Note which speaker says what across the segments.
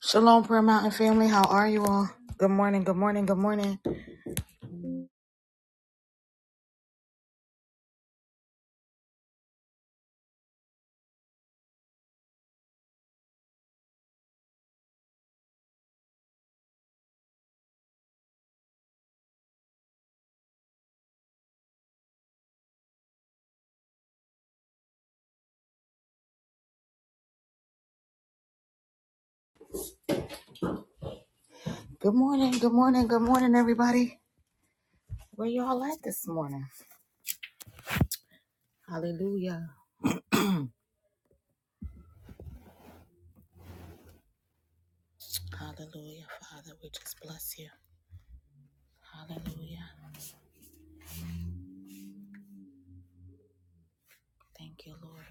Speaker 1: Shalom, Prayer Mountain family. How are you all? Good morning, good morning, good morning. Good morning, good morning, good morning, everybody. Where y'all at this morning? Hallelujah. Hallelujah, Father. We just bless you. Hallelujah. Thank you, Lord.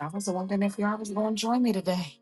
Speaker 1: I was wondering if y'all was going to join me today.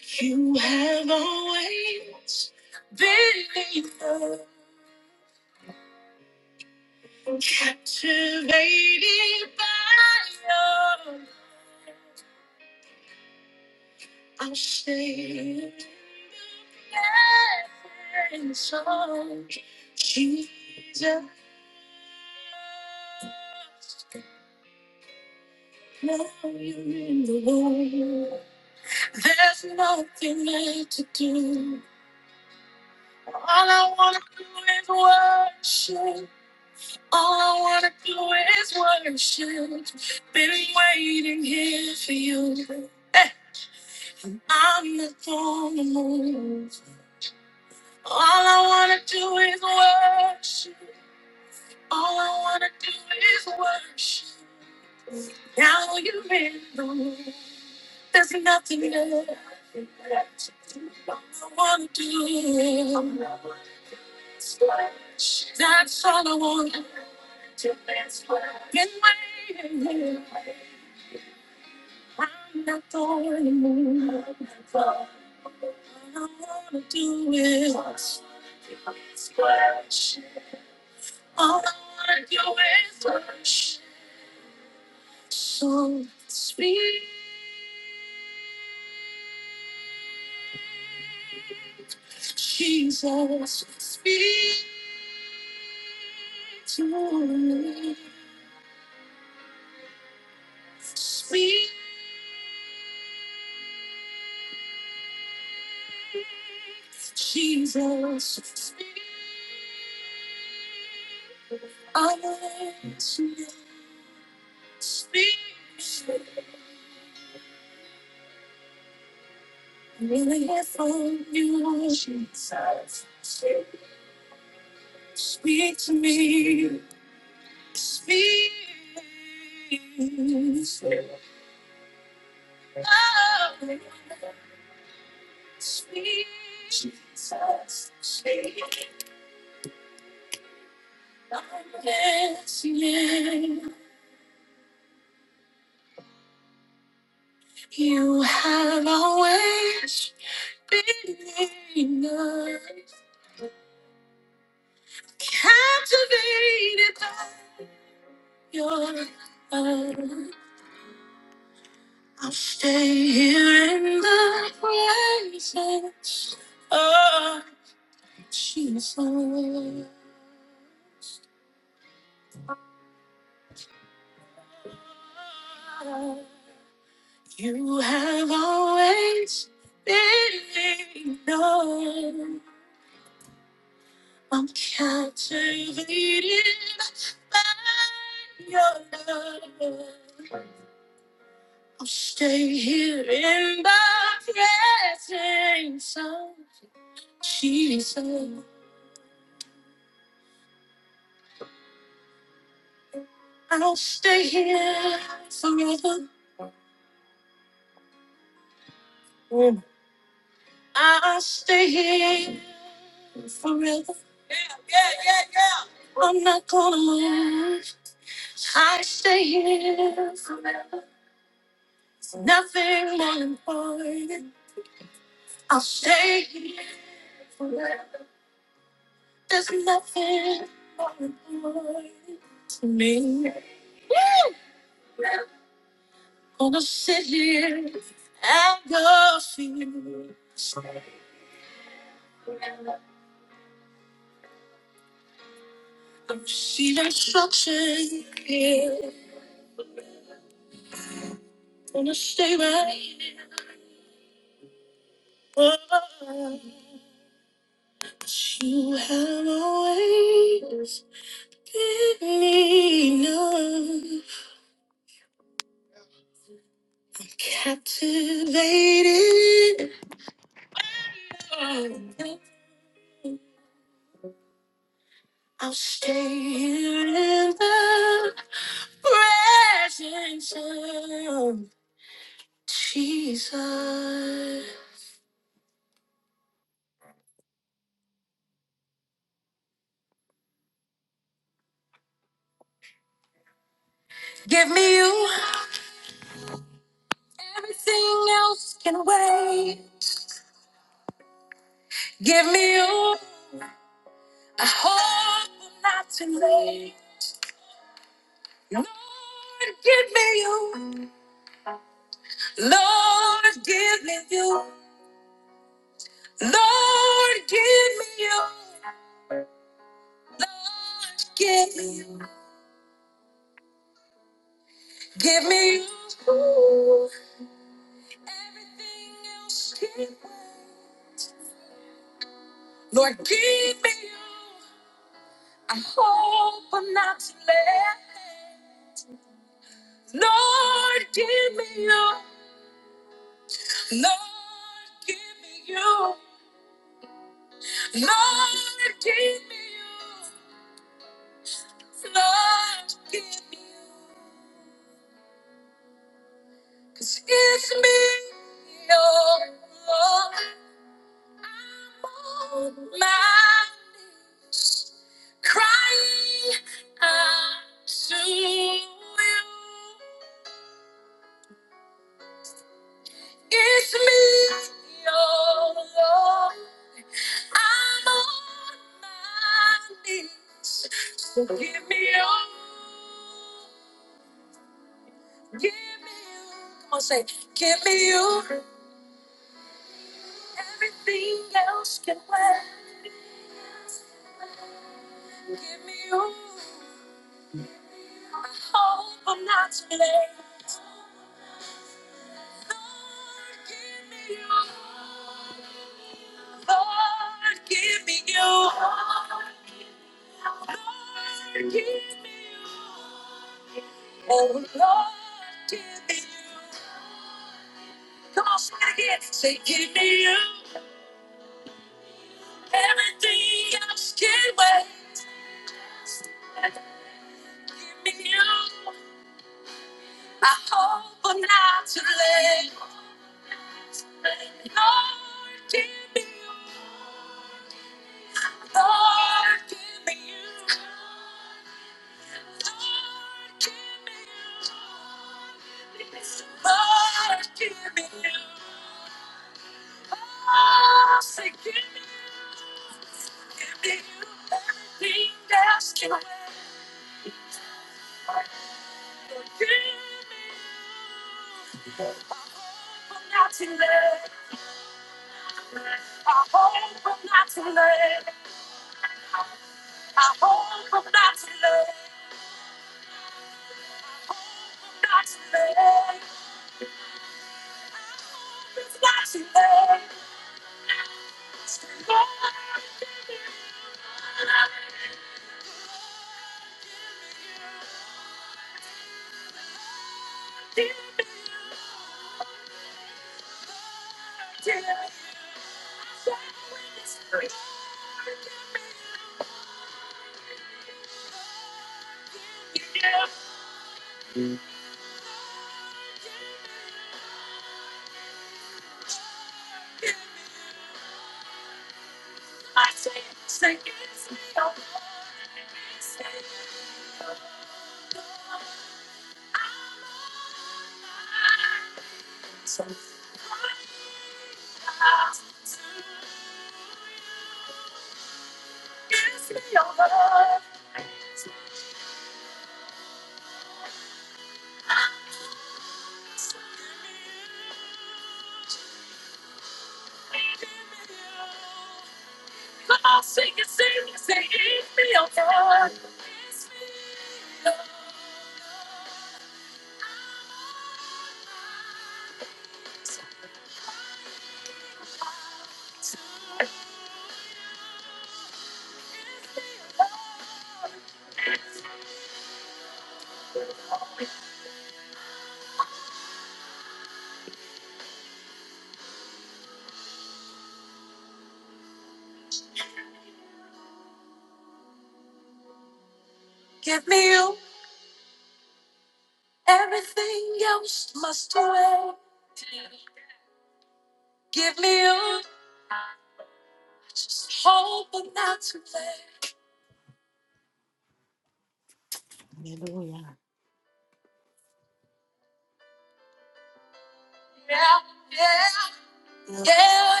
Speaker 1: Yeah.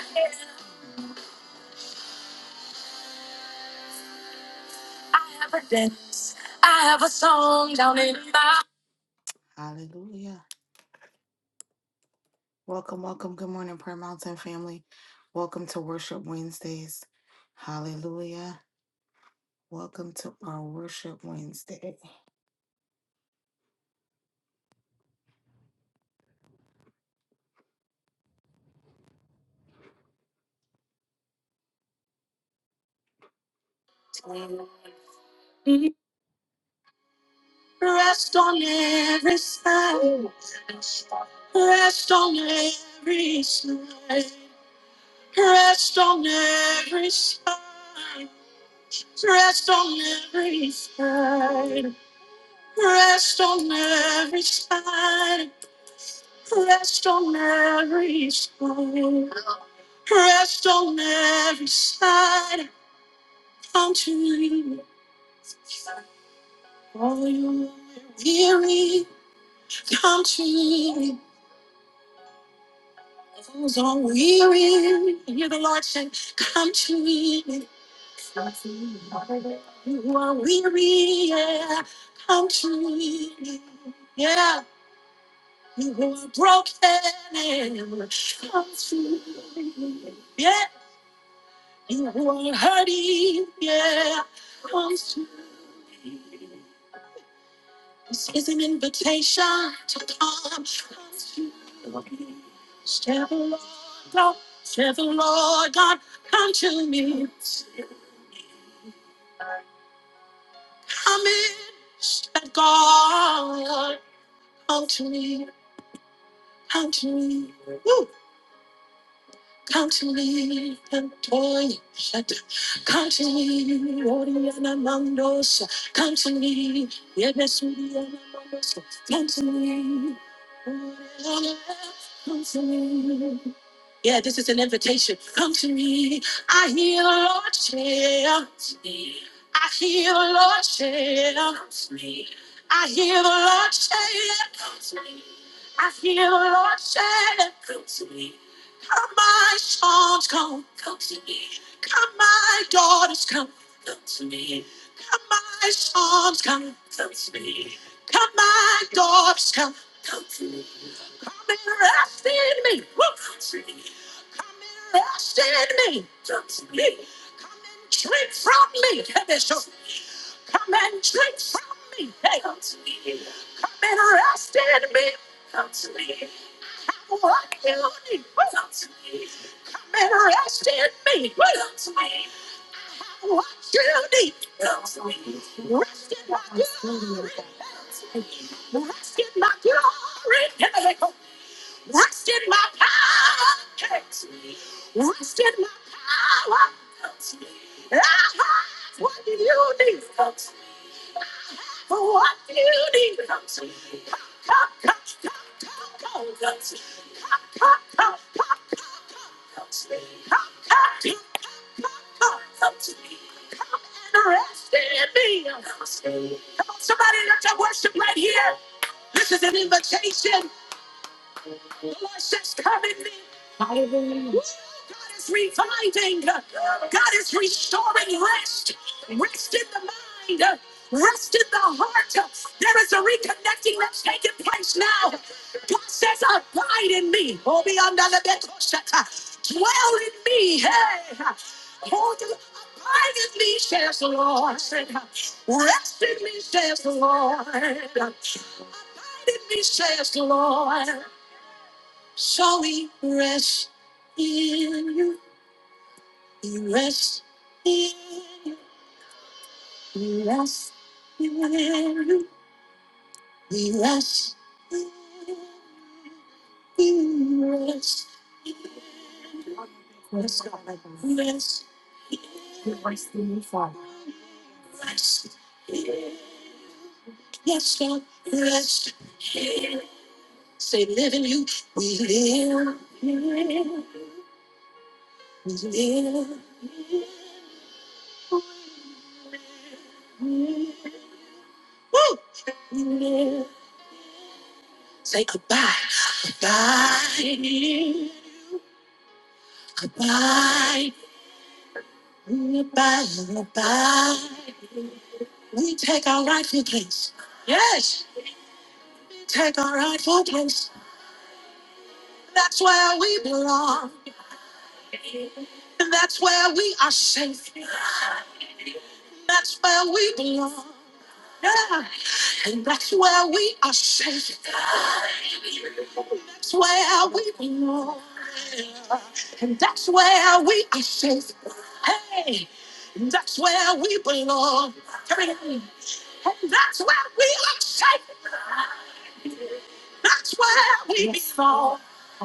Speaker 1: Hallelujah. Welcome, welcome. Good morning, Prayer Mountain family. Welcome to Worship Wednesdays. Hallelujah. Welcome to our Worship Wednesday.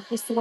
Speaker 1: We say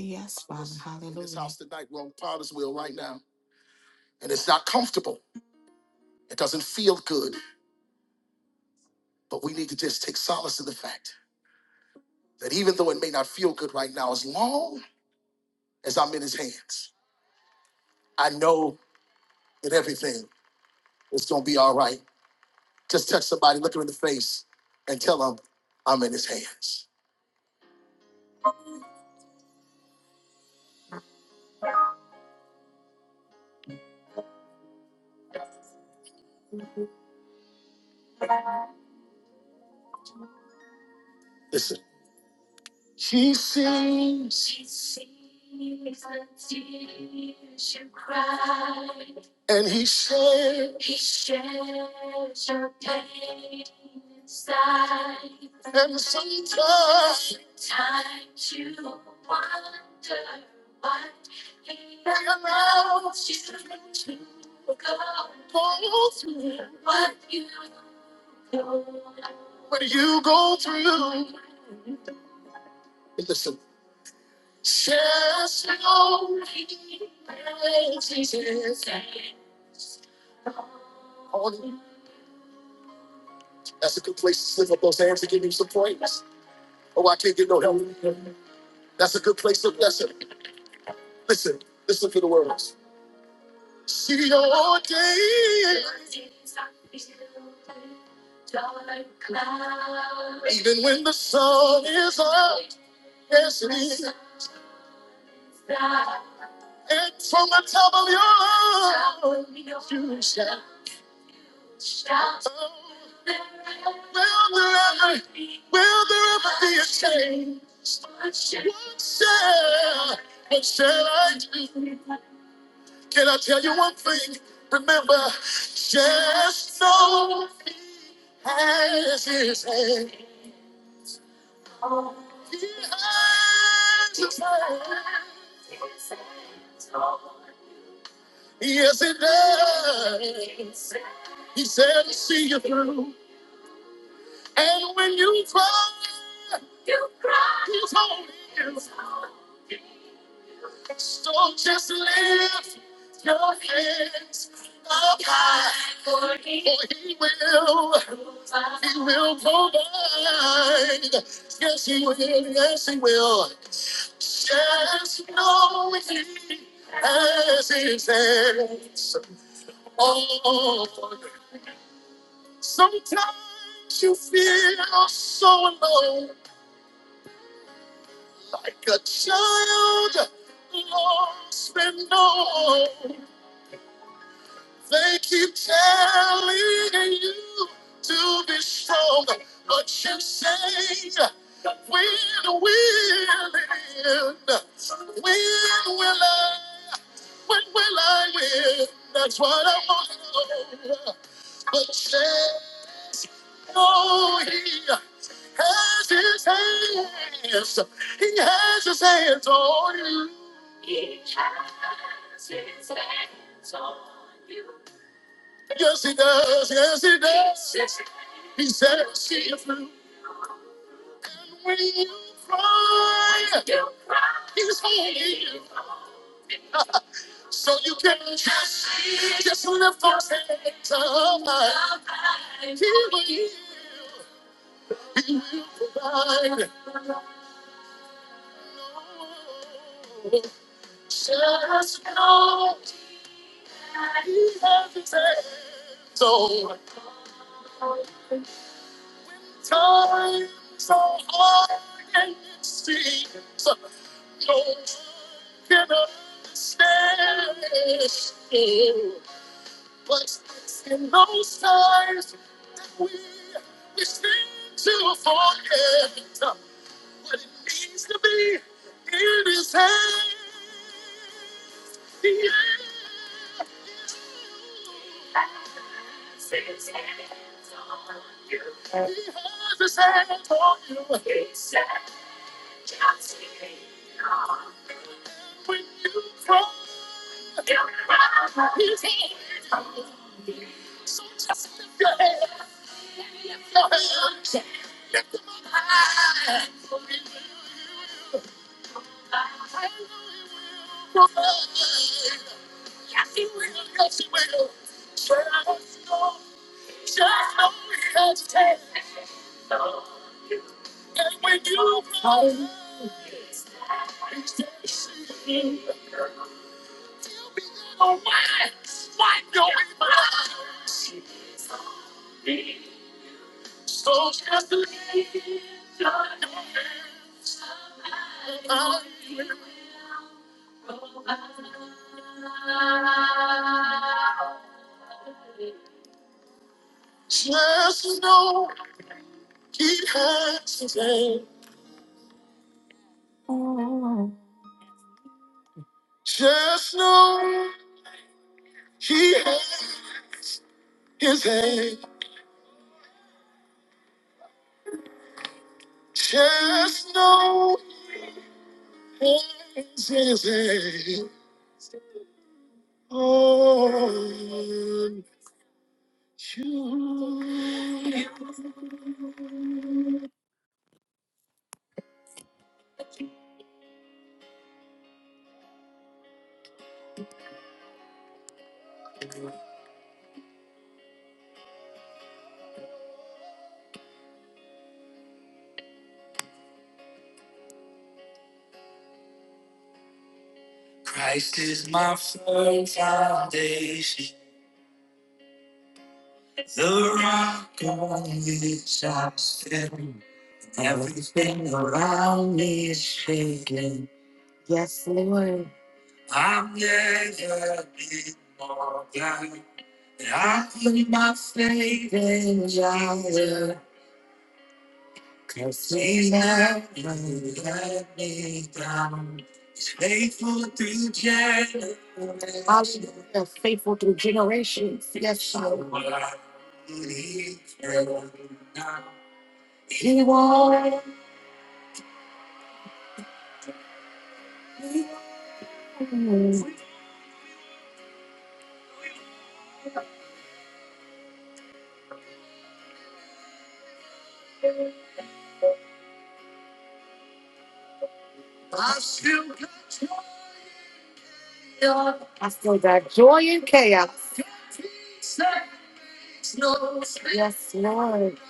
Speaker 1: yes, Father. Hallelujah. This house tonight, we're on Potter's wheel right now, and it's not comfortable. It doesn't feel good, but we need to just take solace in the fact that even though it may not feel good right now, as long as I'm in His hands, I know that everything is going to be all right. Just touch somebody, look them in the face, and tell them, I'm in his hands. Listen. She sees. She sees the tears you cried. And he shares. He shares your pain inside. And sometimes. you you you. wonder why he allows you to go through what you Listen, says no. That's a good place to lift up those hands and give him some praise. Oh, I can't get no help. That's a good place to bless him. Listen, listen to the words. See your day. Even when the sun is up, yes it is. And from the top of your lungs, you shout. shout. Oh, will there ever, will there ever be a change? What shall, what shall I do? Can I tell you one thing? Remember, just know has his hand. He has his hand. Yes, it does. He said, see you through. And when you cry, you cry. So just lift your hands up high. For he will. He will provide. Yes, he will. Yes, he will. Just know he has his hands. Oh, Sometimes you feel so alone, like a child lost and known. They keep telling you to be strong, but you say, When will it end? When will I? When will I win? That's what I want to know. But say. Oh, he has his hands. He has his hands on you. He has his hands on you. Yes, he does. Yes, he does. Yes, He said, see you through. And when you cry, when you cry, he's holding you. He will heal. Just know he has his hands. Times so hard and it seems no one can understand. it. But in those times we we seem to forget what it means to be in His hand. Yeah. He's in your hand. Just know he has his hand. Just know he's in his hand. Yes, Lord. Yes,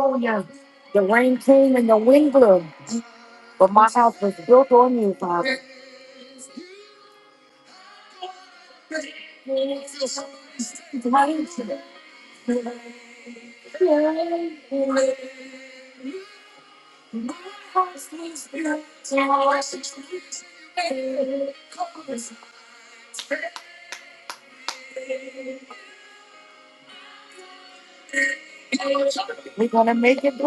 Speaker 1: Oh, yeah. The rain came and the wind blew. But my house was built on you, Father. We're gonna make it.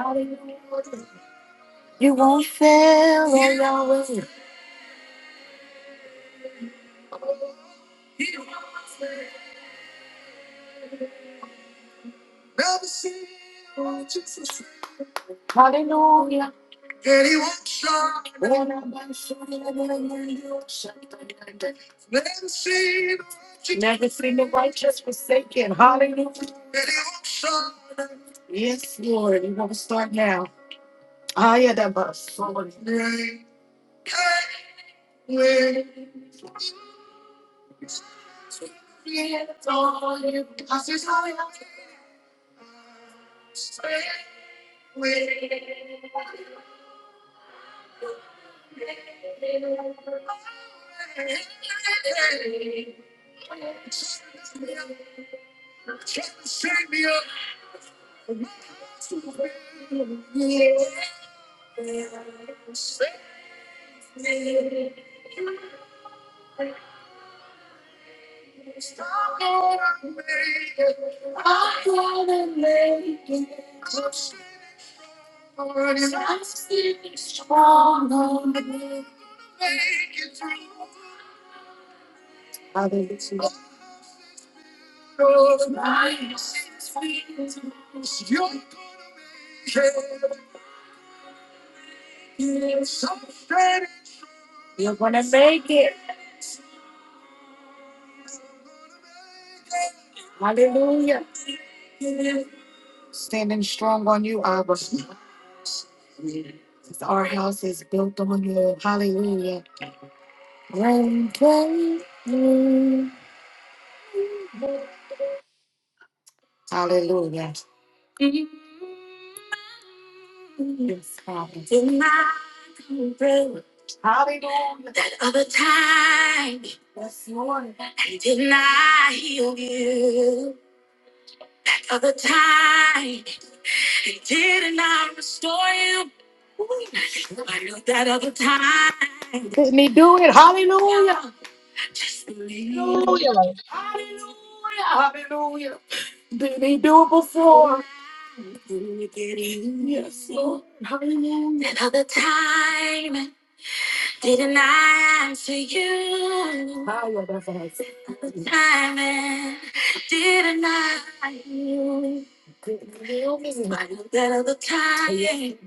Speaker 1: I gotta make it. I'm standing strong on you. Standing strong on you, I was built on higher. ground.
Speaker 2: Hallelujah.
Speaker 1: Yes, Lord. Another time, didn't I answer you? Higher, that's what Another time, didn't I? hear you? Hallelujah. Count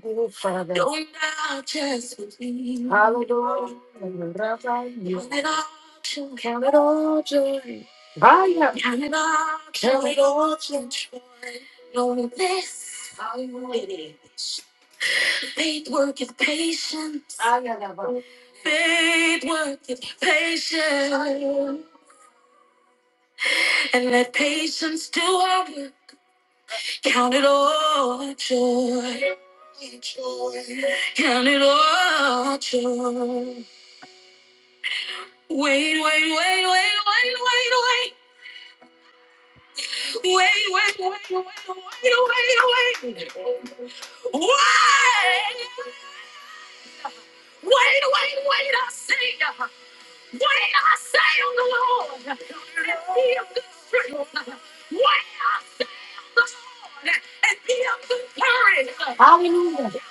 Speaker 1: it all joy. Count it all joy. Count it all joy. Knowing this, faith worketh patience. Hallelujah. Faith worketh patience. Hallelujah. And let patience do her work. Count it all joy. Joy. Count it all joy. Wait, wait, wait, wait, wait, wait, wait, wait, wait, wait, wait, wait, wait, wait. Wait, wait, wait, wait, wait, I say, wait, I say on the Lord, and be of good strength. Wait on the Lord, and be of good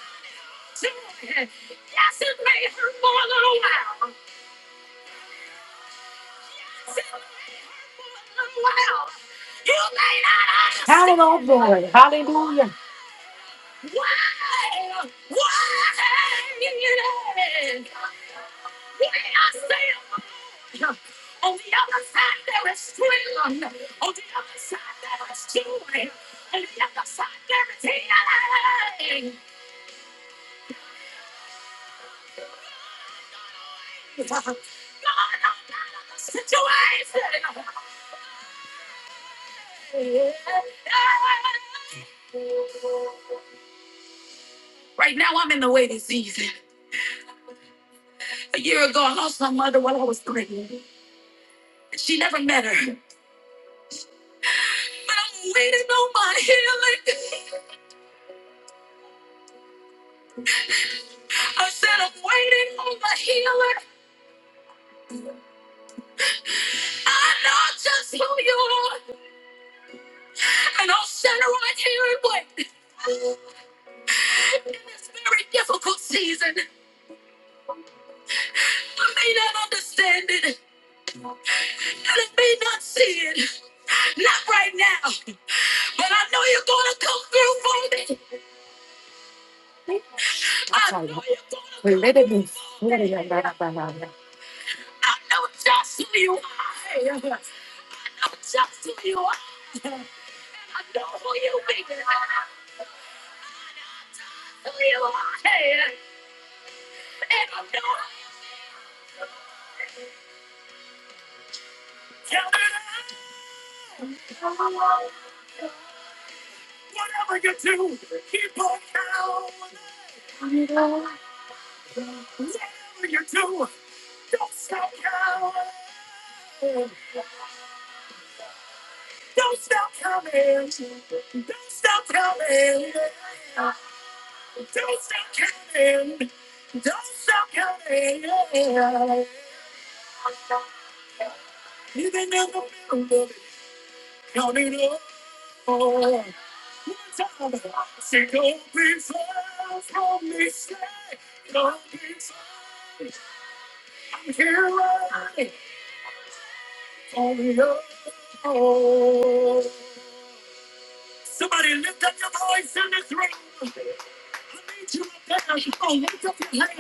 Speaker 1: hallelujah, hallelujah. Matter. But I'm waiting on my healing. I said I'm waiting on my healing. I know just who you are. And I'll stand right here and wait in this very difficult season.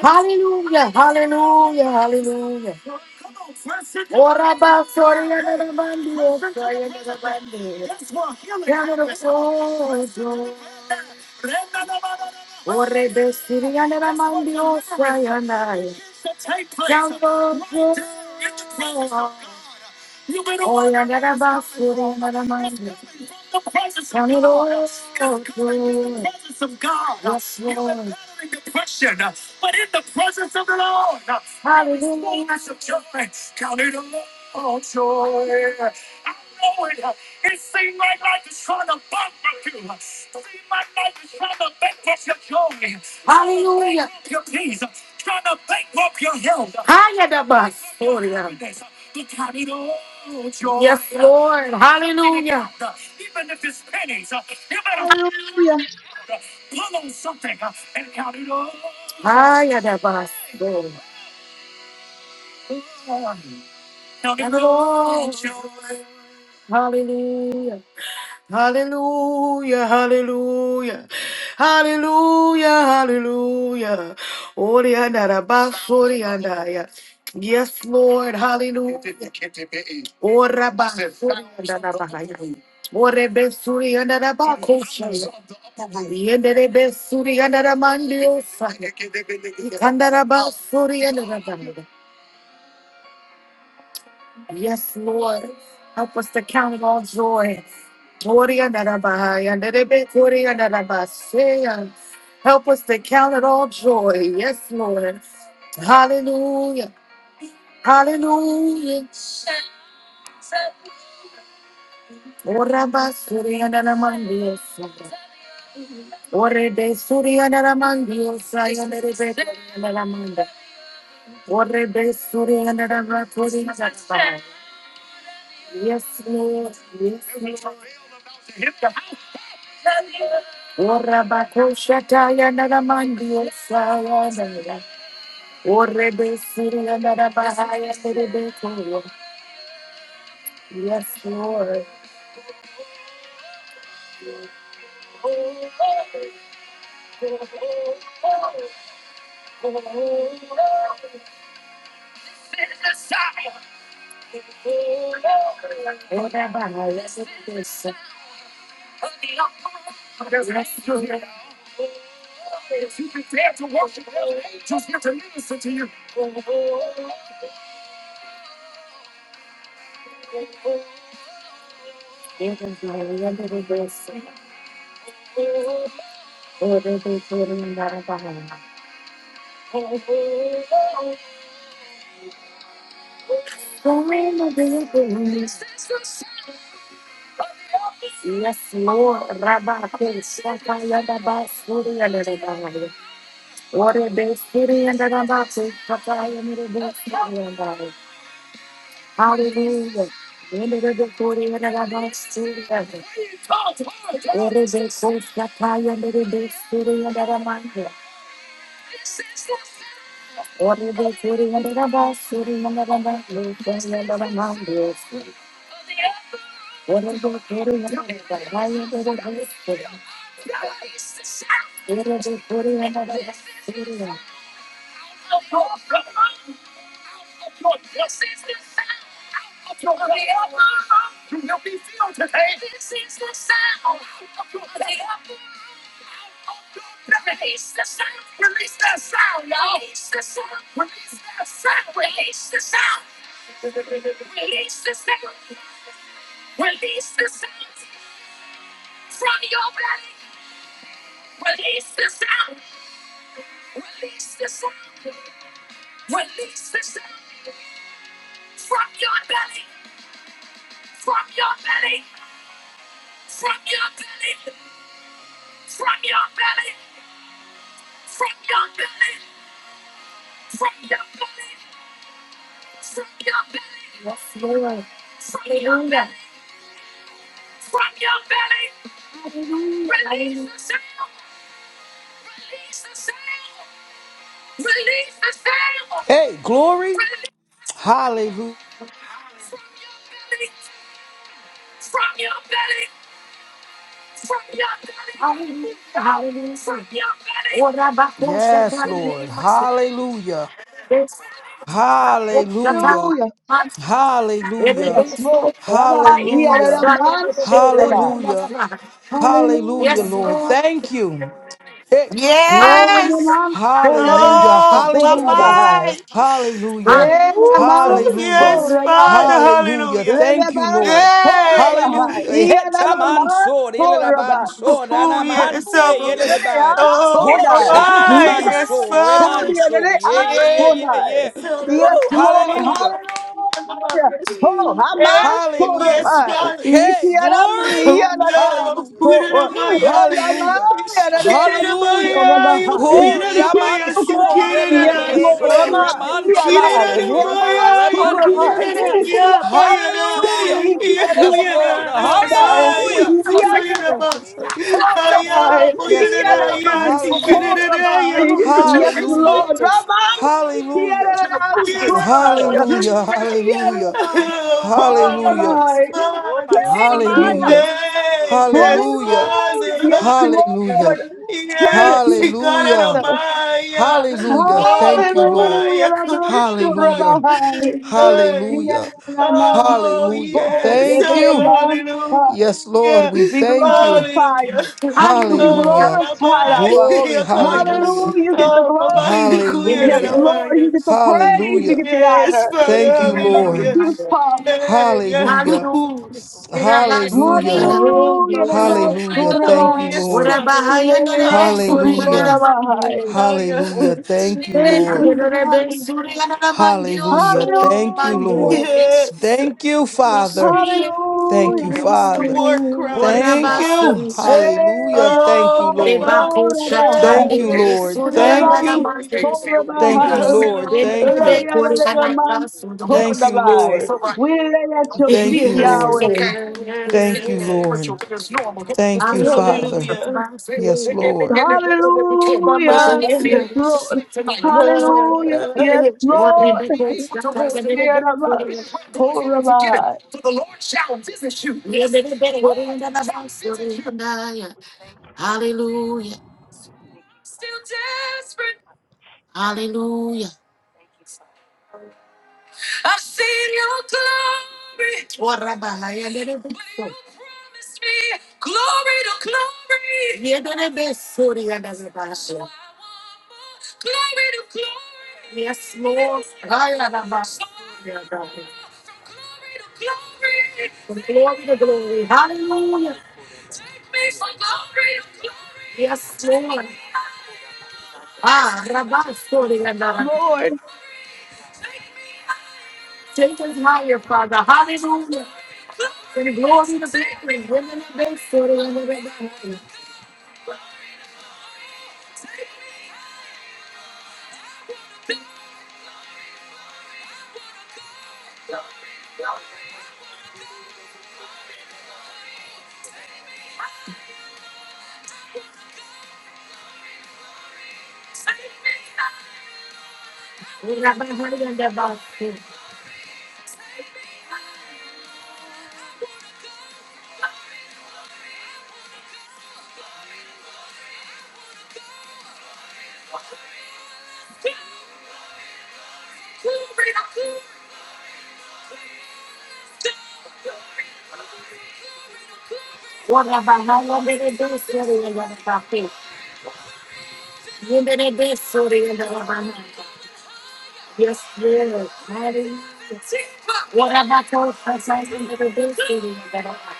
Speaker 1: Hallelujah, hallelujah, hallelujah. Ora basoria na na bandi, osoria na na bandi. Yana na sozo. Ore besiria na na bandi, osoria na. Yana na sozo. Oh, yeah, that about oh, that about- Yes, Lord. Hallelujah.
Speaker 2: Hallelujah.
Speaker 1: Ah, yeah, that about- oh. Hallelujah, hallelujah, hallelujah, hallelujah. hallelujah. Orianda rabas, orianda ya. Yes, Lord, hallelujah. Orabas, orianda rabahaya. Orebe, orianda Yenderebe suriyandara mandiyo saya. Ikandaraba suriyandara mandiyo. Yes, Lord. Help us to count it all joy. Suriyandara bahaya. Yenderebe suriyandara basaya. Help us to count. Hallelujah. Orabakoshataya yandara mandiyo saya yandara. Orebe suriyandara bahaya. Yenderebe suriyandara. Yes, Lord. Orabahaya. Yenderebe suriyandara. Yenderebe suriyandara. Yes, Lord, Rabba, Sakaya, Rabba, Suri, and Rabbi. What a big city, and Rabba, Sakaya, and Rabba, Suri, and Rabbi. Hallelujah. In the river, Suri, and Rabba, Suri, and Rabbi. What a big city, Sakaya, and Rabba, Suri, and Rabbi. What a big city, and Rabba, Suri, and Rabba, Suri, and Rabbi. Yes, Lord. Yes, Lord.
Speaker 3: Hey, glory. Hallelujah. Yes, Lord. Hallelujah. Hallelujah.
Speaker 2: Hallelujah.
Speaker 3: Hallelujah.
Speaker 1: Hallelujah.
Speaker 2: Yes, Lord. Rabbi. Yeah, the
Speaker 3: Hallelujah.
Speaker 1: Hallelujah.
Speaker 2: man so rabbi.
Speaker 3: Hallelujah. Hallelujah,
Speaker 2: Hallelujah.
Speaker 3: Lord. Thank you. Hey,
Speaker 2: And The
Speaker 3: glory.
Speaker 4: Yes.
Speaker 2: man so rabbi.
Speaker 3: Hallelujah.
Speaker 4: Oh,
Speaker 2: So
Speaker 4: my
Speaker 3: Hallelujah.
Speaker 2: rabbi.
Speaker 4: mind.
Speaker 3: Hallelujah.
Speaker 2: Yeah, the man
Speaker 4: Woo,
Speaker 3: Hallelujah.
Speaker 2: so
Speaker 4: yes,
Speaker 2: rabbi.
Speaker 4: Father.
Speaker 3: Hallelujah.
Speaker 4: Hallelujah.
Speaker 2: The
Speaker 3: Thank you,
Speaker 2: man
Speaker 3: Lord.
Speaker 2: so
Speaker 4: Yay.
Speaker 2: rabbi.
Speaker 3: Hallelujah.
Speaker 2: Yeah, the man
Speaker 3: Hetamansor,
Speaker 2: so rabbi.
Speaker 3: elelabansor,
Speaker 4: Oh, yes,
Speaker 3: anamanse,
Speaker 4: Abba.
Speaker 2: Hallelujah,
Speaker 3: elelebai.
Speaker 2: I'm so
Speaker 4: Oh, my
Speaker 2: die. Let
Speaker 4: mind. Yes,
Speaker 2: out,
Speaker 3: Hochananamansor,
Speaker 2: so
Speaker 4: Father.
Speaker 2: die,
Speaker 3: remanso. Yeah,
Speaker 2: I'm
Speaker 3: yeah,
Speaker 2: so
Speaker 3: yeah, yeah,
Speaker 2: die.
Speaker 3: yeah.
Speaker 4: Yes.
Speaker 2: Yes,
Speaker 3: Woo,
Speaker 2: Lord,
Speaker 3: hallelujah.
Speaker 2: hallelujah. Oh, I'm on so
Speaker 4: Hey,
Speaker 3: Hallelujah.
Speaker 4: yes,
Speaker 2: rabbi.
Speaker 4: Father.
Speaker 3: Hey, glory.
Speaker 4: Oh
Speaker 2: Itiaramaya,
Speaker 4: no,
Speaker 3: Hallelujah.
Speaker 2: so, Oh,
Speaker 4: Kuiranamaya.
Speaker 3: Hallelujah.
Speaker 2: Damaya, the day
Speaker 5: Bashanda.
Speaker 2: I'm so
Speaker 3: Hallelujah.
Speaker 4: Shikiranamaya, yo
Speaker 2: rabbi.
Speaker 5: Oh,
Speaker 3: Glory
Speaker 5: mama baba
Speaker 2: King
Speaker 4: Kuiranamaya,
Speaker 2: of
Speaker 5: baya
Speaker 2: glory, yes,
Speaker 5: shatane
Speaker 4: Sukiranamaya.
Speaker 2: Lord,
Speaker 5: de
Speaker 3: amansundelelebeso,
Speaker 2: rabbi.
Speaker 5: kula da
Speaker 2: Yadai,
Speaker 3: remansayadelebeko,
Speaker 2: Yabas,
Speaker 4: Kiranamaya,
Speaker 2: so
Speaker 4: yo
Speaker 2: rabbi.
Speaker 3: remandioso.
Speaker 4: Kuiranamaya, Bayana.
Speaker 2: Yabas,
Speaker 3: Hallelujah.
Speaker 2: Iki,
Speaker 4: Ya
Speaker 2: Yadai,
Speaker 3: Yes,
Speaker 1: That's
Speaker 2: Yabas,
Speaker 3: Lord.
Speaker 2: so
Speaker 4: Kuirana, Baya,
Speaker 3: Hallelujah.
Speaker 4: Sikuiranama.
Speaker 5: bebe ya
Speaker 2: Oh,
Speaker 5: kana ne
Speaker 2: Rabbi.
Speaker 4: Baya,
Speaker 5: shikula
Speaker 3: Yes,
Speaker 5: da
Speaker 3: Lord.
Speaker 5: basha.
Speaker 4: Kuiranaya,
Speaker 2: Yadaman.
Speaker 1: what we're
Speaker 2: Oh,
Speaker 3: Hallelujah.
Speaker 1: asking.
Speaker 4: Sikiranaya,
Speaker 2: Rabbi.
Speaker 4: oh
Speaker 1: Another
Speaker 4: no.
Speaker 2: Yes,
Speaker 1: generation
Speaker 3: Hallelujah.
Speaker 2: Lord.
Speaker 1: of leaders,
Speaker 2: Rabbi.
Speaker 4: Kuiranamaya,
Speaker 1: another
Speaker 3: Hallelujah.
Speaker 1: generation of
Speaker 2: Yadaman.
Speaker 1: prophets,
Speaker 2: Oh, Rabbi.
Speaker 1: another
Speaker 3: Hallelujah.
Speaker 4: Kuiranamaya.
Speaker 1: generation
Speaker 5: Ya
Speaker 2: Yadaman.
Speaker 5: na na
Speaker 4: Help
Speaker 5: na ya
Speaker 4: Baba,
Speaker 2: Oh,
Speaker 5: ya.
Speaker 3: Hallelujah.
Speaker 4: yes,
Speaker 2: Rabbi.
Speaker 5: Oh,
Speaker 1: of
Speaker 4: Father.
Speaker 1: us.
Speaker 5: basha
Speaker 2: Thank you.
Speaker 3: Hallelujah. Hallelujah.
Speaker 4: Hey, yes,
Speaker 3: Hallelujah.
Speaker 2: Hallelujah.
Speaker 4: Father.
Speaker 2: Yes,
Speaker 5: Oh,
Speaker 3: Hallelujah.
Speaker 2: Lord.
Speaker 4: Hallelujah.
Speaker 2: Thank
Speaker 4: Yes, he
Speaker 2: you,
Speaker 4: got it on
Speaker 3: Hallelujah.
Speaker 2: Father.
Speaker 4: my
Speaker 3: Hallelujah.
Speaker 4: Oh,
Speaker 3: Thank you, Lord.
Speaker 2: Hallelujah.
Speaker 4: Baba, God,
Speaker 2: Rabbi.
Speaker 4: it
Speaker 2: Oh,
Speaker 4: on my
Speaker 3: Hallelujah.
Speaker 2: Rabbi.
Speaker 4: Hey.
Speaker 3: Hallelujah.
Speaker 2: Yadaman.
Speaker 4: Oh,
Speaker 3: Hallelujah.
Speaker 2: Oh,
Speaker 4: yes.
Speaker 3: Thank
Speaker 4: Abba,
Speaker 3: you.
Speaker 2: Yadaman.
Speaker 3: Yes, Lord,
Speaker 4: Hallelujah.
Speaker 3: we
Speaker 2: Be
Speaker 3: thank you.
Speaker 2: glorified
Speaker 4: Hallelujah.
Speaker 2: to
Speaker 1: Hallelujah.
Speaker 2: be
Speaker 4: Oh,
Speaker 3: Hallelujah.
Speaker 2: glorified,
Speaker 4: Baba,
Speaker 2: Abba.
Speaker 3: Glory.
Speaker 4: Yakaya.
Speaker 2: Hallelujah.
Speaker 3: Hallelujah.
Speaker 2: You get the
Speaker 4: Oh, Baba,
Speaker 2: glory.
Speaker 1: In
Speaker 4: Kuya,
Speaker 1: the
Speaker 2: Yes,
Speaker 1: name
Speaker 3: Hallelujah.
Speaker 1: of
Speaker 2: Lord.
Speaker 4: Rabaya.
Speaker 2: You get the praise. You
Speaker 3: Hallelujah.
Speaker 2: get the
Speaker 4: Yes,
Speaker 2: honor.
Speaker 4: Father,
Speaker 3: Thank
Speaker 1: in
Speaker 3: you,
Speaker 1: the name
Speaker 2: Thank
Speaker 3: Lord.
Speaker 4: hallelujah.
Speaker 2: you,
Speaker 1: of the Lord.
Speaker 2: Father.
Speaker 4: Hey, yeah.
Speaker 3: Hallelujah.
Speaker 1: Hallelujah.
Speaker 4: Ooh.
Speaker 1: In the
Speaker 3: Hallelujah.
Speaker 1: name of
Speaker 4: Oh,
Speaker 2: Hallelujah.
Speaker 4: my
Speaker 1: the Lord.
Speaker 3: Hallelujah.
Speaker 4: Oh,
Speaker 3: Thank you,
Speaker 4: yes,
Speaker 1: Ora
Speaker 3: Lord.
Speaker 4: Father.
Speaker 1: bahaya nere be suri
Speaker 4: Oh,
Speaker 1: nere
Speaker 3: Hallelujah.
Speaker 4: oh yeah.
Speaker 1: mandio.
Speaker 3: Hallelujah. Thank you,
Speaker 2: Thank
Speaker 3: Lord.
Speaker 1: Aye
Speaker 2: you,
Speaker 1: nere be
Speaker 2: Father.
Speaker 1: suri nere mandio
Speaker 3: Hallelujah.
Speaker 1: soye nere
Speaker 3: Thank you,
Speaker 2: Hallelujah.
Speaker 3: Lord.
Speaker 1: mandio.
Speaker 4: yes.
Speaker 3: Thank you,
Speaker 1: Holy
Speaker 3: Father.
Speaker 1: Spirit.
Speaker 3: Thank
Speaker 2: Hallelujah.
Speaker 3: you,
Speaker 4: It's the
Speaker 3: Father.
Speaker 4: war cry,
Speaker 1: Ora
Speaker 3: Thank you.
Speaker 4: Father.
Speaker 1: basuri.
Speaker 3: Hallelujah. Thank you,
Speaker 4: Oh, my
Speaker 3: Lord.
Speaker 1: Reba
Speaker 4: body.
Speaker 1: kusha
Speaker 3: Thank
Speaker 1: tande
Speaker 3: you,
Speaker 4: Hey,
Speaker 1: be
Speaker 3: Lord.
Speaker 1: suri
Speaker 3: Thank
Speaker 1: nere
Speaker 2: Hallelujah.
Speaker 3: you.
Speaker 4: hallelujah.
Speaker 1: mandio.
Speaker 3: Thank you,
Speaker 2: Hey,
Speaker 5: kamanda
Speaker 3: Lord.
Speaker 2: Lay
Speaker 3: Thank
Speaker 1: Yenere
Speaker 5: shatana da
Speaker 1: be
Speaker 4: Hallelujah.
Speaker 3: you.
Speaker 5: da
Speaker 2: it at a
Speaker 1: kuri nere
Speaker 2: man, hold
Speaker 3: Thank
Speaker 2: the
Speaker 3: you,
Speaker 2: by.
Speaker 3: Lord.
Speaker 1: basuri.
Speaker 2: We lay at
Speaker 1: Don't be
Speaker 5: Oh,
Speaker 2: your
Speaker 5: ya
Speaker 3: Thank
Speaker 2: feet,
Speaker 5: na
Speaker 3: you,
Speaker 4: Yes.
Speaker 1: nervous.
Speaker 5: na
Speaker 1: It's
Speaker 3: Lord.
Speaker 2: Yahweh.
Speaker 1: okay.
Speaker 5: na ya da da
Speaker 1: Yes, Life
Speaker 3: Thank
Speaker 5: da
Speaker 1: is
Speaker 3: you,
Speaker 1: spiritual,
Speaker 3: Lord.
Speaker 1: but it's normal. Come
Speaker 3: Thank
Speaker 1: on,
Speaker 3: you,
Speaker 1: this is your
Speaker 5: baba
Speaker 3: Father.
Speaker 1: culture.
Speaker 4: Hallelujah.
Speaker 1: Say, in
Speaker 3: Yes,
Speaker 1: the-
Speaker 3: Lord.
Speaker 1: in the room that we came,
Speaker 4: Mama.
Speaker 1: you
Speaker 2: Hallelujah.
Speaker 1: might be
Speaker 2: Yes,
Speaker 1: the one to
Speaker 2: Lord.
Speaker 1: see tonight. You
Speaker 5: shanda.
Speaker 1: might as well go ahead
Speaker 2: Hallelujah.
Speaker 1: and forget
Speaker 2: Yes,
Speaker 1: it. You might be
Speaker 2: Lord.
Speaker 1: able to rest in it. You might as
Speaker 2: Hear us,
Speaker 1: well go ahead
Speaker 2: hold the
Speaker 1: and forget it.
Speaker 2: by.
Speaker 1: For the Lord shall visit you. Yes, Lord.
Speaker 5: Thank you, Father. Thank you. Thank you, Jesus. Thank you, Jesus.
Speaker 1: Hallelujah. From glory to glory. Hallelujah. Yes, Lord. Ah, Rabastori and Dara.
Speaker 2: Lord.
Speaker 1: Take us higher, Father. Hallelujah. In glory to victory. Women and base story and the Rebbe. Rabahari and the Basti. What Rabahari and the base story and the Basti. Women and base story and the Rabahari. Yes, Lord. Hallelujah. What Rabahari and the base story and the Rabahari.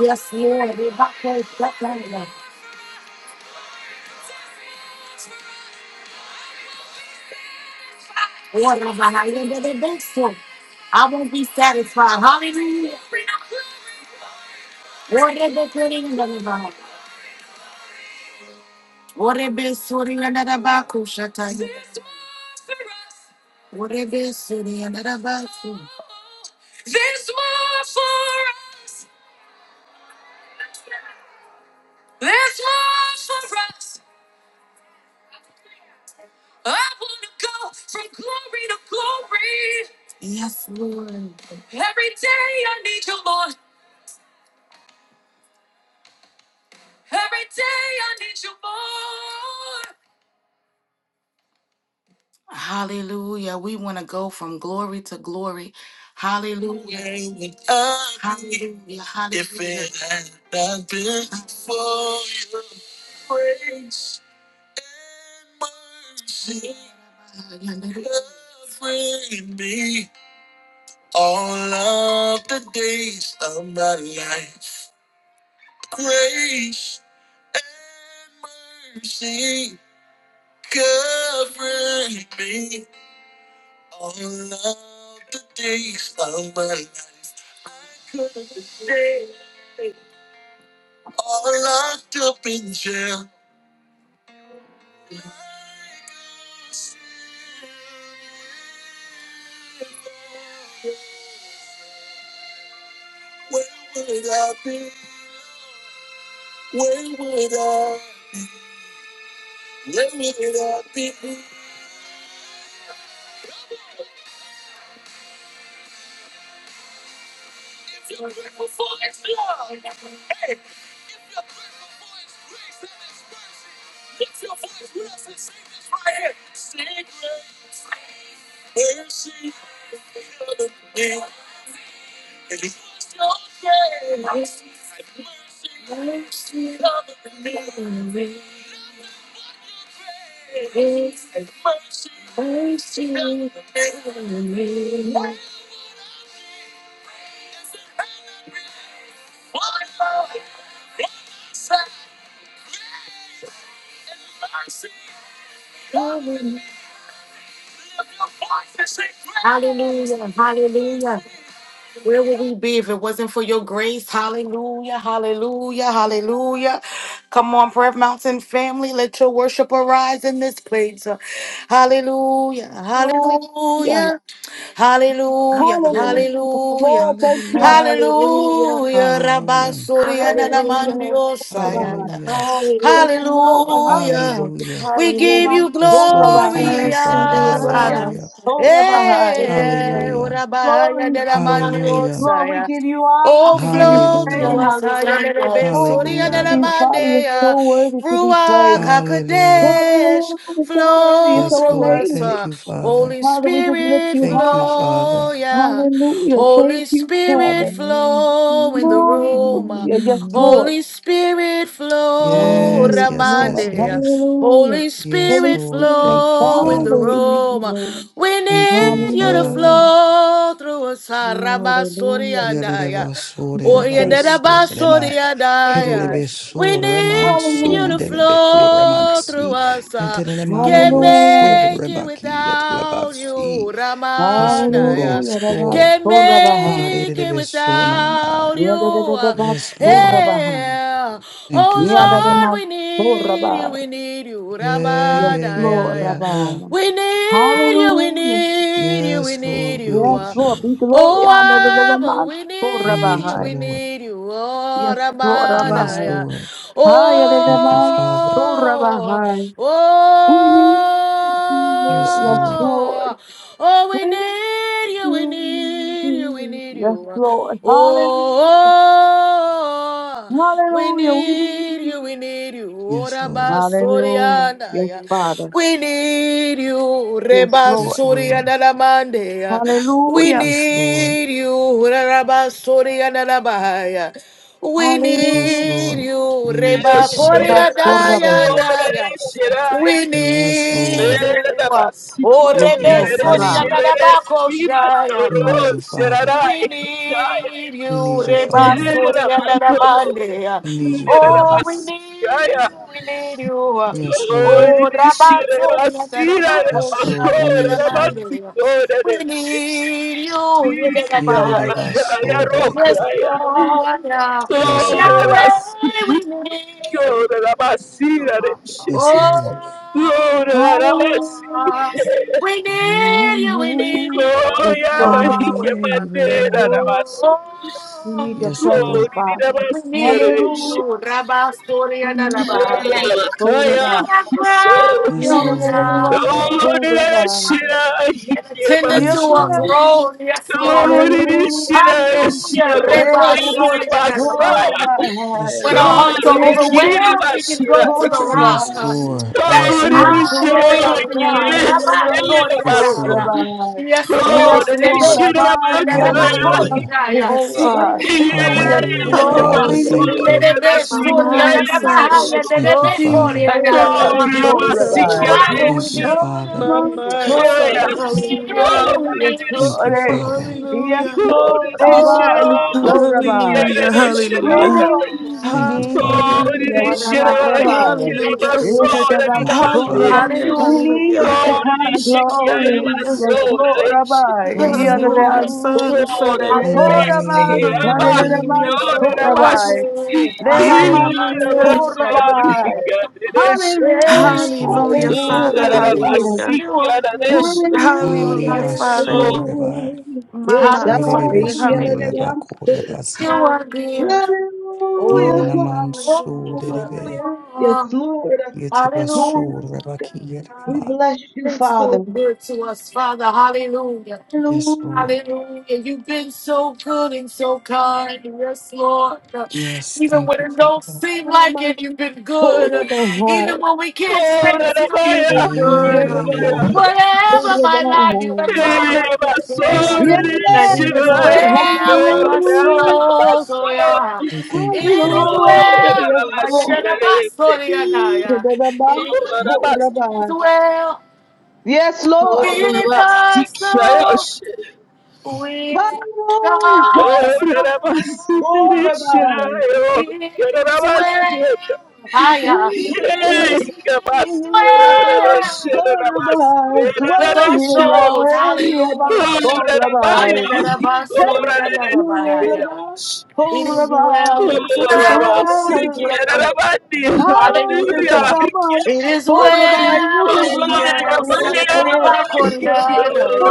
Speaker 1: Yes, Lord. Rabahari and the Rabahari. Order behind the the best one. I won't be satisfied. Hallelujah. What if Order putting another behind. Order the sorting another bakushata. Order be sorting another back. Yes, Lord. Hallelujah. We want to go from glory to glory. Hallelujah. Hallelujah. Mercy, mercy, Hallelujah. Hallelujah. Where would we be if it wasn't for your grace? Hallelujah. Hallelujah. Hallelujah. Come on, Prayer Mountain family. Let your worship arise in this place. Hallelujah.
Speaker 2: Hallelujah.
Speaker 1: Hallelujah. Hallelujah.
Speaker 4: Hallelujah.
Speaker 2: Hallelujah.
Speaker 1: Hallelujah.
Speaker 2: Lord, thank you.
Speaker 3: Hallelujah.
Speaker 4: Hallelujah.
Speaker 1: Hallelujah. Rabba
Speaker 3: Hallelujah.
Speaker 1: Surya
Speaker 2: Hear us,
Speaker 4: Hallelujah.
Speaker 1: Nanamandio
Speaker 2: hold the by.
Speaker 1: Sayanda.
Speaker 3: Hallelujah.
Speaker 4: Hallelujah.
Speaker 2: Yes, Lord.
Speaker 1: Hallelujah.
Speaker 2: Hallelujah.
Speaker 3: Hallelujah.
Speaker 1: We
Speaker 2: Hear
Speaker 1: give
Speaker 4: Hallelujah.
Speaker 1: you
Speaker 2: us,
Speaker 3: Yes,
Speaker 2: hold the
Speaker 3: Lord.
Speaker 2: by.
Speaker 3: Thank you,
Speaker 1: glory,
Speaker 4: Yes, we
Speaker 3: Father.
Speaker 4: do,
Speaker 2: Let
Speaker 1: Abba.
Speaker 4: Father.
Speaker 3: Hallelujah.
Speaker 2: us the by.
Speaker 1: Eh,
Speaker 4: Hallelujah.
Speaker 3: Hallelujah.
Speaker 1: ora bahaya
Speaker 2: Glory.
Speaker 4: My
Speaker 1: nera mandi
Speaker 4: mind.
Speaker 3: Hallelujah.
Speaker 2: Lord, we
Speaker 1: osaya.
Speaker 2: give you honor.
Speaker 1: Oh,
Speaker 2: We give you
Speaker 1: flow
Speaker 4: Hallelujah.
Speaker 1: through
Speaker 2: praise.
Speaker 3: Hallelujah.
Speaker 1: us, higher than a
Speaker 4: Hallelujah.
Speaker 2: Oh, we
Speaker 1: besoria
Speaker 2: love
Speaker 3: Hallelujah.
Speaker 1: nera a
Speaker 2: you, Father. You're
Speaker 1: mandea.
Speaker 2: so worthy to be
Speaker 1: Ruach
Speaker 2: praised.
Speaker 3: Hallelujah.
Speaker 1: Hakodesh,
Speaker 2: Hallelujah. You're so worthy. You're
Speaker 1: flow
Speaker 3: Yes,
Speaker 2: so
Speaker 1: through
Speaker 3: Lord.
Speaker 1: us.
Speaker 2: amazing.
Speaker 3: Thank
Speaker 1: uh.
Speaker 3: you, Father.
Speaker 1: Holy
Speaker 2: Father, we just lift
Speaker 1: Spirit,
Speaker 2: you
Speaker 3: Thank you,
Speaker 2: high.
Speaker 1: flow,
Speaker 3: Father.
Speaker 1: yeah.
Speaker 2: Hallelujah. Thank
Speaker 1: Holy
Speaker 2: you,
Speaker 1: Spirit.
Speaker 2: Father. Hallelujah. Yes, Lord. Ah,
Speaker 3: Yes,
Speaker 2: yes,
Speaker 3: yes,
Speaker 2: Lord.
Speaker 3: yes, yes.
Speaker 2: Hallelujah.
Speaker 3: Yes,
Speaker 2: Holy
Speaker 3: Lord.
Speaker 2: Spirit,
Speaker 3: Thank you,
Speaker 2: Father,
Speaker 3: Father.
Speaker 2: we need you, Lord.
Speaker 3: Thank you, Father.
Speaker 2: Hallelujah. Hallelujah.
Speaker 3: Yereba
Speaker 2: Thank
Speaker 3: sore
Speaker 2: you,
Speaker 3: reba
Speaker 2: Savior.
Speaker 3: sore reba
Speaker 2: Hallelujah.
Speaker 3: helelebe sore man soon
Speaker 2: Hallelujah.
Speaker 3: delebe kore man si yentele man di o
Speaker 2: Hallelujah.
Speaker 3: sore baki si yes lord yes
Speaker 2: Hallelujah. The
Speaker 3: lord
Speaker 1: Can't
Speaker 2: Basurabaham.
Speaker 1: make it
Speaker 3: harelebe soon anamai
Speaker 1: without
Speaker 2: Yada
Speaker 1: you.
Speaker 2: the the
Speaker 3: yes lord
Speaker 2: Basurabaham.
Speaker 1: Yeah.
Speaker 3: thank
Speaker 1: Oh
Speaker 3: you
Speaker 2: Yada the
Speaker 3: father
Speaker 1: Lord, we need you,
Speaker 2: Masurabah.
Speaker 1: we need you.
Speaker 3: yeah
Speaker 2: Yes,
Speaker 3: yeah yeah
Speaker 2: Lord
Speaker 1: Ramadaya.
Speaker 3: yeah yeah
Speaker 2: Rabbi.
Speaker 1: We need you, we
Speaker 2: Hallelujah.
Speaker 1: need you, we
Speaker 3: yes
Speaker 1: need
Speaker 3: lord we
Speaker 2: Yes,
Speaker 3: need
Speaker 1: you.
Speaker 2: Lord.
Speaker 3: you
Speaker 2: Be glory
Speaker 1: Oh,
Speaker 2: under the the
Speaker 1: Abba, we
Speaker 3: we
Speaker 1: need
Speaker 3: need
Speaker 1: you,
Speaker 3: you
Speaker 2: Masurabah.
Speaker 1: we
Speaker 3: lord
Speaker 1: need you. Oh,
Speaker 2: Yes, Lord
Speaker 3: yes
Speaker 2: Rabbi.
Speaker 1: Ramadaya.
Speaker 3: lord
Speaker 2: Higher than the
Speaker 3: thank you
Speaker 2: man.
Speaker 3: father
Speaker 1: Oh,
Speaker 2: Surabahai. We need you.
Speaker 3: yes
Speaker 2: Yes,
Speaker 3: lord
Speaker 2: Lord.
Speaker 1: oh, oh, we
Speaker 2: We need
Speaker 1: need need you, we need you, we
Speaker 2: you,
Speaker 1: need
Speaker 2: Yes,
Speaker 1: you.
Speaker 2: Lord. Hallelujah.
Speaker 1: Oh, we
Speaker 2: Hallelujah. We need
Speaker 1: need
Speaker 2: you.
Speaker 1: you, we need you.
Speaker 3: yes
Speaker 1: Ora
Speaker 3: lord
Speaker 2: Hallelujah.
Speaker 1: basoriana
Speaker 2: Yes,
Speaker 1: ya.
Speaker 2: Father.
Speaker 1: We need you,
Speaker 2: Yes,
Speaker 1: Reba
Speaker 2: Lord.
Speaker 3: yes lord
Speaker 1: Soriana la Mandea. We
Speaker 2: Hallelujah.
Speaker 3: Yes, Lord.
Speaker 1: need you, Reba Soriana la Bahaya. We
Speaker 3: Yes,
Speaker 2: Hallelujah.
Speaker 1: need
Speaker 3: Lord.
Speaker 1: you,
Speaker 3: We need you,
Speaker 1: Reba
Speaker 3: Father.
Speaker 1: Korea
Speaker 2: Abasto
Speaker 1: Daya
Speaker 2: Rabban.
Speaker 1: Daya. We
Speaker 3: Yes,
Speaker 1: need
Speaker 3: Lord.
Speaker 1: you. Oh,
Speaker 2: Yes,
Speaker 1: Rebe
Speaker 3: Yes,
Speaker 2: Lord.
Speaker 1: Soria
Speaker 3: Lord.
Speaker 2: Rabban.
Speaker 1: Dadabako
Speaker 3: We
Speaker 1: Shayana.
Speaker 3: need you, Father.
Speaker 1: We need
Speaker 3: We
Speaker 1: you,
Speaker 3: need you,
Speaker 1: Reba
Speaker 3: Father.
Speaker 1: Surya Narabande.
Speaker 3: We need you,
Speaker 1: Oh,
Speaker 3: Father.
Speaker 1: we need you, we need you.
Speaker 3: Yes, Lord.
Speaker 1: Oh, Rabba Surya Narabako
Speaker 3: Yes, Lord.
Speaker 1: Shaya
Speaker 3: We need you.
Speaker 1: Narabande. We need you,
Speaker 6: Please,
Speaker 1: Yerabahai.
Speaker 6: I rock,
Speaker 1: Yes,
Speaker 3: Yererebasorerebe.
Speaker 6: I.
Speaker 1: Lord, yeah.
Speaker 3: Yes, Lord.
Speaker 1: Yahweh,
Speaker 6: Oh,
Speaker 1: we need
Speaker 6: Lord, that I see
Speaker 1: you.
Speaker 6: that it shit.
Speaker 3: Yes,
Speaker 1: Oh,
Speaker 3: Lord.
Speaker 6: Lord, that I see.
Speaker 2: Hallelujah.
Speaker 1: we
Speaker 3: You are
Speaker 1: need you, we need
Speaker 3: more
Speaker 1: you,
Speaker 2: Yes,
Speaker 6: Gloria, my
Speaker 2: Lord.
Speaker 3: than
Speaker 6: hija, my
Speaker 1: Yahweh.
Speaker 6: dead, that
Speaker 3: able.
Speaker 6: I see.
Speaker 1: Oh,
Speaker 2: We need your
Speaker 3: Yes,
Speaker 6: Oh,
Speaker 2: presence,
Speaker 3: Lord.
Speaker 6: did
Speaker 2: Father.
Speaker 6: I see that
Speaker 2: Hallelujah.
Speaker 6: shit?
Speaker 1: you Rabba Soria
Speaker 2: We
Speaker 1: da
Speaker 2: need your
Speaker 1: Rabba.
Speaker 2: Abasto
Speaker 1: You
Speaker 6: Kaya,
Speaker 2: Rabban.
Speaker 1: are
Speaker 6: so.
Speaker 1: great,
Speaker 3: Yes,
Speaker 1: oh,
Speaker 3: Lord. We
Speaker 1: yeah.
Speaker 3: need you.
Speaker 6: Oh,
Speaker 2: Yadadadabasto
Speaker 6: did I see
Speaker 2: Rabban.
Speaker 6: that
Speaker 1: and attending
Speaker 2: Your
Speaker 1: to
Speaker 6: hija,
Speaker 3: Yes,
Speaker 1: a
Speaker 3: Lord.
Speaker 2: presence.
Speaker 1: groan, yes, Lord.
Speaker 6: Oh, it is shit, Oh, did I
Speaker 2: Hallelujah.
Speaker 6: see.
Speaker 1: Hallelujah,
Speaker 6: Oh,
Speaker 2: Hey,
Speaker 1: Rabba
Speaker 6: yeah,
Speaker 1: Soria
Speaker 6: my
Speaker 1: da
Speaker 2: Abasto
Speaker 6: son.
Speaker 1: Rabba.
Speaker 3: Yes,
Speaker 1: When our
Speaker 3: Lord.
Speaker 6: Oh,
Speaker 1: hearts are
Speaker 6: did
Speaker 2: Rabban.
Speaker 1: overwhelmed,
Speaker 6: I
Speaker 1: we can
Speaker 6: see that?
Speaker 1: go to the
Speaker 6: shit?
Speaker 3: Yes,
Speaker 1: rock uh,
Speaker 2: Rabbi.
Speaker 3: Lord.
Speaker 1: that is
Speaker 3: Yes,
Speaker 2: Yes,
Speaker 3: Lord.
Speaker 1: higher than
Speaker 2: Lord.
Speaker 1: our
Speaker 2: Yeah,
Speaker 1: God.
Speaker 2: yeah, yeah, yeah, yeah.
Speaker 1: Rabba glory and
Speaker 3: Yes,
Speaker 2: So,
Speaker 1: honor.
Speaker 3: Lord.
Speaker 2: Rabbi.
Speaker 1: Yes, Lord.
Speaker 2: Yes, Lord.
Speaker 1: Yebe,
Speaker 2: Rabbi.
Speaker 1: and
Speaker 2: Yeah,
Speaker 1: Rabba
Speaker 2: yeah, yeah, yeah, yeah.
Speaker 3: Hallelujah.
Speaker 1: Koshaya.
Speaker 2: So,
Speaker 4: Yes,
Speaker 2: Rabbi.
Speaker 1: We
Speaker 4: Father.
Speaker 1: need you. We
Speaker 2: Yes,
Speaker 1: need
Speaker 3: Hallelujah.
Speaker 1: you.
Speaker 2: Lord.
Speaker 1: Uh,
Speaker 3: Father,
Speaker 2: We
Speaker 4: Hallelujah.
Speaker 3: thank
Speaker 2: need
Speaker 3: you.
Speaker 1: Lelebe,
Speaker 4: My
Speaker 1: Suri, and
Speaker 4: mind,
Speaker 1: Rabba
Speaker 2: you.
Speaker 4: Father.
Speaker 2: Yes,
Speaker 1: Haya,
Speaker 3: Thank you,
Speaker 1: Lelebe,
Speaker 2: Lord.
Speaker 4: Yes.
Speaker 1: Kori,
Speaker 3: Father.
Speaker 2: Hey,
Speaker 1: and Honor.
Speaker 2: Rabbi.
Speaker 4: Hallelujah.
Speaker 1: We
Speaker 2: So,
Speaker 1: need you,
Speaker 2: Rabbi.
Speaker 1: Abba. We
Speaker 3: Thank you,
Speaker 1: need
Speaker 2: Oh,
Speaker 1: you.
Speaker 3: Father.
Speaker 4: My
Speaker 1: We
Speaker 2: Rabbi.
Speaker 1: need you. We
Speaker 2: So,
Speaker 4: mind, Father.
Speaker 1: need
Speaker 4: Hallelujah.
Speaker 2: Rabbi.
Speaker 1: you. We
Speaker 2: Yes,
Speaker 1: need you.
Speaker 3: Thank
Speaker 2: Lord.
Speaker 3: you,
Speaker 2: eh.
Speaker 3: Father.
Speaker 2: Yes,
Speaker 4: Hallelujah.
Speaker 2: Lord. Rabbi.
Speaker 1: Oh,
Speaker 2: So, Rabbi.
Speaker 4: Hallelujah.
Speaker 2: We
Speaker 4: Hallelujah.
Speaker 2: need
Speaker 1: oh.
Speaker 6: Oh,
Speaker 2: you, we
Speaker 3: Thank
Speaker 1: yeah.
Speaker 3: you,
Speaker 2: need
Speaker 4: Hallelujah.
Speaker 3: Father.
Speaker 2: you. Yes,
Speaker 1: Hallelujah.
Speaker 2: Lord Rabbi.
Speaker 4: Hallelujah.
Speaker 2: Eteteba,
Speaker 3: Thank you,
Speaker 2: Lord Rabbi.
Speaker 3: Father.
Speaker 4: Hallelujah.
Speaker 2: We need your
Speaker 4: Hallelujah.
Speaker 2: Shekinah glory.
Speaker 4: Hallelujah.
Speaker 2: Yes, Lord Rabbi.
Speaker 3: One
Speaker 1: Yes,
Speaker 2: Yadada
Speaker 4: Hallelujah.
Speaker 1: Lord.
Speaker 2: Anso.
Speaker 3: more
Speaker 4: Father, Father.
Speaker 3: than
Speaker 1: Hallelujah.
Speaker 2: Oh, Rabbi.
Speaker 3: able.
Speaker 2: Sadadadaba,
Speaker 4: Hallelujah,
Speaker 2: So
Speaker 1: You
Speaker 4: Father.
Speaker 1: are
Speaker 2: Rabbi.
Speaker 1: good.
Speaker 3: Yes,
Speaker 1: Hallelujah.
Speaker 3: Lord.
Speaker 2: Leaman.
Speaker 4: Hallelujah.
Speaker 2: Oh, Rabbi. Hallelujah,
Speaker 3: Yes,
Speaker 1: Yes.
Speaker 3: Lord.
Speaker 4: Hallelujah,
Speaker 3: Thank you,
Speaker 4: Father.
Speaker 3: Father.
Speaker 2: hallelujah.
Speaker 4: Hallelujah.
Speaker 1: You are good.
Speaker 3: Maria
Speaker 2: Hallelujah,
Speaker 4: Hallelujah,
Speaker 1: Hallelujah.
Speaker 4: Father.
Speaker 3: Basoreba.
Speaker 2: hallelujah. Yes,
Speaker 4: Mama,
Speaker 3: Yerebe
Speaker 4: Father.
Speaker 2: Shabbat.
Speaker 1: Hallelujah.
Speaker 2: Yadada
Speaker 4: Hallelujah.
Speaker 3: Sundeleba
Speaker 2: Anso.
Speaker 1: You
Speaker 3: Korebasi.
Speaker 1: are good.
Speaker 4: Hallelujah.
Speaker 1: Oh,
Speaker 2: Hallelujah,
Speaker 3: Yerenaman
Speaker 1: oh,
Speaker 4: Hallelujah, Father.
Speaker 3: Soderebe.
Speaker 2: Hallelujah. Yes,
Speaker 1: oh.
Speaker 2: Lord.
Speaker 3: Yeteba
Speaker 1: hallelujah.
Speaker 2: Hallelujah.
Speaker 3: Sorebaki
Speaker 2: We
Speaker 3: Yerema.
Speaker 2: bless you,
Speaker 4: Hallelujah.
Speaker 1: It's so
Speaker 2: Father.
Speaker 1: good to us, Father. Hallelujah.
Speaker 3: Yes, Lord.
Speaker 2: Hallelujah.
Speaker 1: Hallelujah. You've been so good and so kind. Yes, Lord.
Speaker 3: Yes,
Speaker 1: Even
Speaker 3: thank
Speaker 1: when
Speaker 3: you,
Speaker 1: it don't
Speaker 3: Father.
Speaker 1: seem
Speaker 2: What
Speaker 1: like
Speaker 2: about
Speaker 1: it, you've been
Speaker 2: hold
Speaker 1: good.
Speaker 2: of the heart?
Speaker 1: Even when we can't sense you, you've been
Speaker 3: Yeah,
Speaker 2: What
Speaker 1: good.
Speaker 3: yeah, yeah,
Speaker 2: about
Speaker 3: yeah.
Speaker 6: Oh,
Speaker 2: hold
Speaker 1: Whatever
Speaker 2: of
Speaker 1: my
Speaker 2: the
Speaker 1: life, you have
Speaker 2: heart?
Speaker 1: told us to say
Speaker 3: Yes, Lord, we
Speaker 1: that
Speaker 2: Yes,
Speaker 1: it
Speaker 3: thank
Speaker 1: is
Speaker 3: you.
Speaker 2: Lord.
Speaker 1: well with my
Speaker 2: Hallelujah.
Speaker 1: soul. Oh, yeah.
Speaker 3: We thank you,
Speaker 1: It is
Speaker 3: Father.
Speaker 2: Hallelujah.
Speaker 1: well.
Speaker 2: Yes, Lord. What about hold of the
Speaker 1: It is
Speaker 2: heart?
Speaker 1: well
Speaker 2: Yes, Lord.
Speaker 1: with us. With
Speaker 2: Hallelujah.
Speaker 1: God's love,
Speaker 2: Hold of the heart.
Speaker 1: it is well.
Speaker 6: Oh,
Speaker 2: Will
Speaker 1: Higher. It
Speaker 2: you
Speaker 1: is
Speaker 2: heal above
Speaker 1: well
Speaker 2: Korabai?
Speaker 1: with
Speaker 2: Swell
Speaker 1: our
Speaker 2: here,
Speaker 1: souls.
Speaker 2: Yahweh, above
Speaker 1: Hallelujah.
Speaker 2: Korabai. Thank you, Lord,
Speaker 1: Ayandarabasoriandarabahaya.
Speaker 2: above
Speaker 1: It is well,
Speaker 2: Korabai.
Speaker 1: it is well, it is
Speaker 2: Dwell
Speaker 1: well.
Speaker 2: high at the
Speaker 1: Hallelujah.
Speaker 2: above
Speaker 1: It is
Speaker 2: Korabai. You
Speaker 1: well,
Speaker 2: can
Speaker 1: it is
Speaker 2: dwell
Speaker 1: well.
Speaker 4: Yes, I
Speaker 1: It
Speaker 2: here.
Speaker 1: is well,
Speaker 2: Eh,
Speaker 4: love you.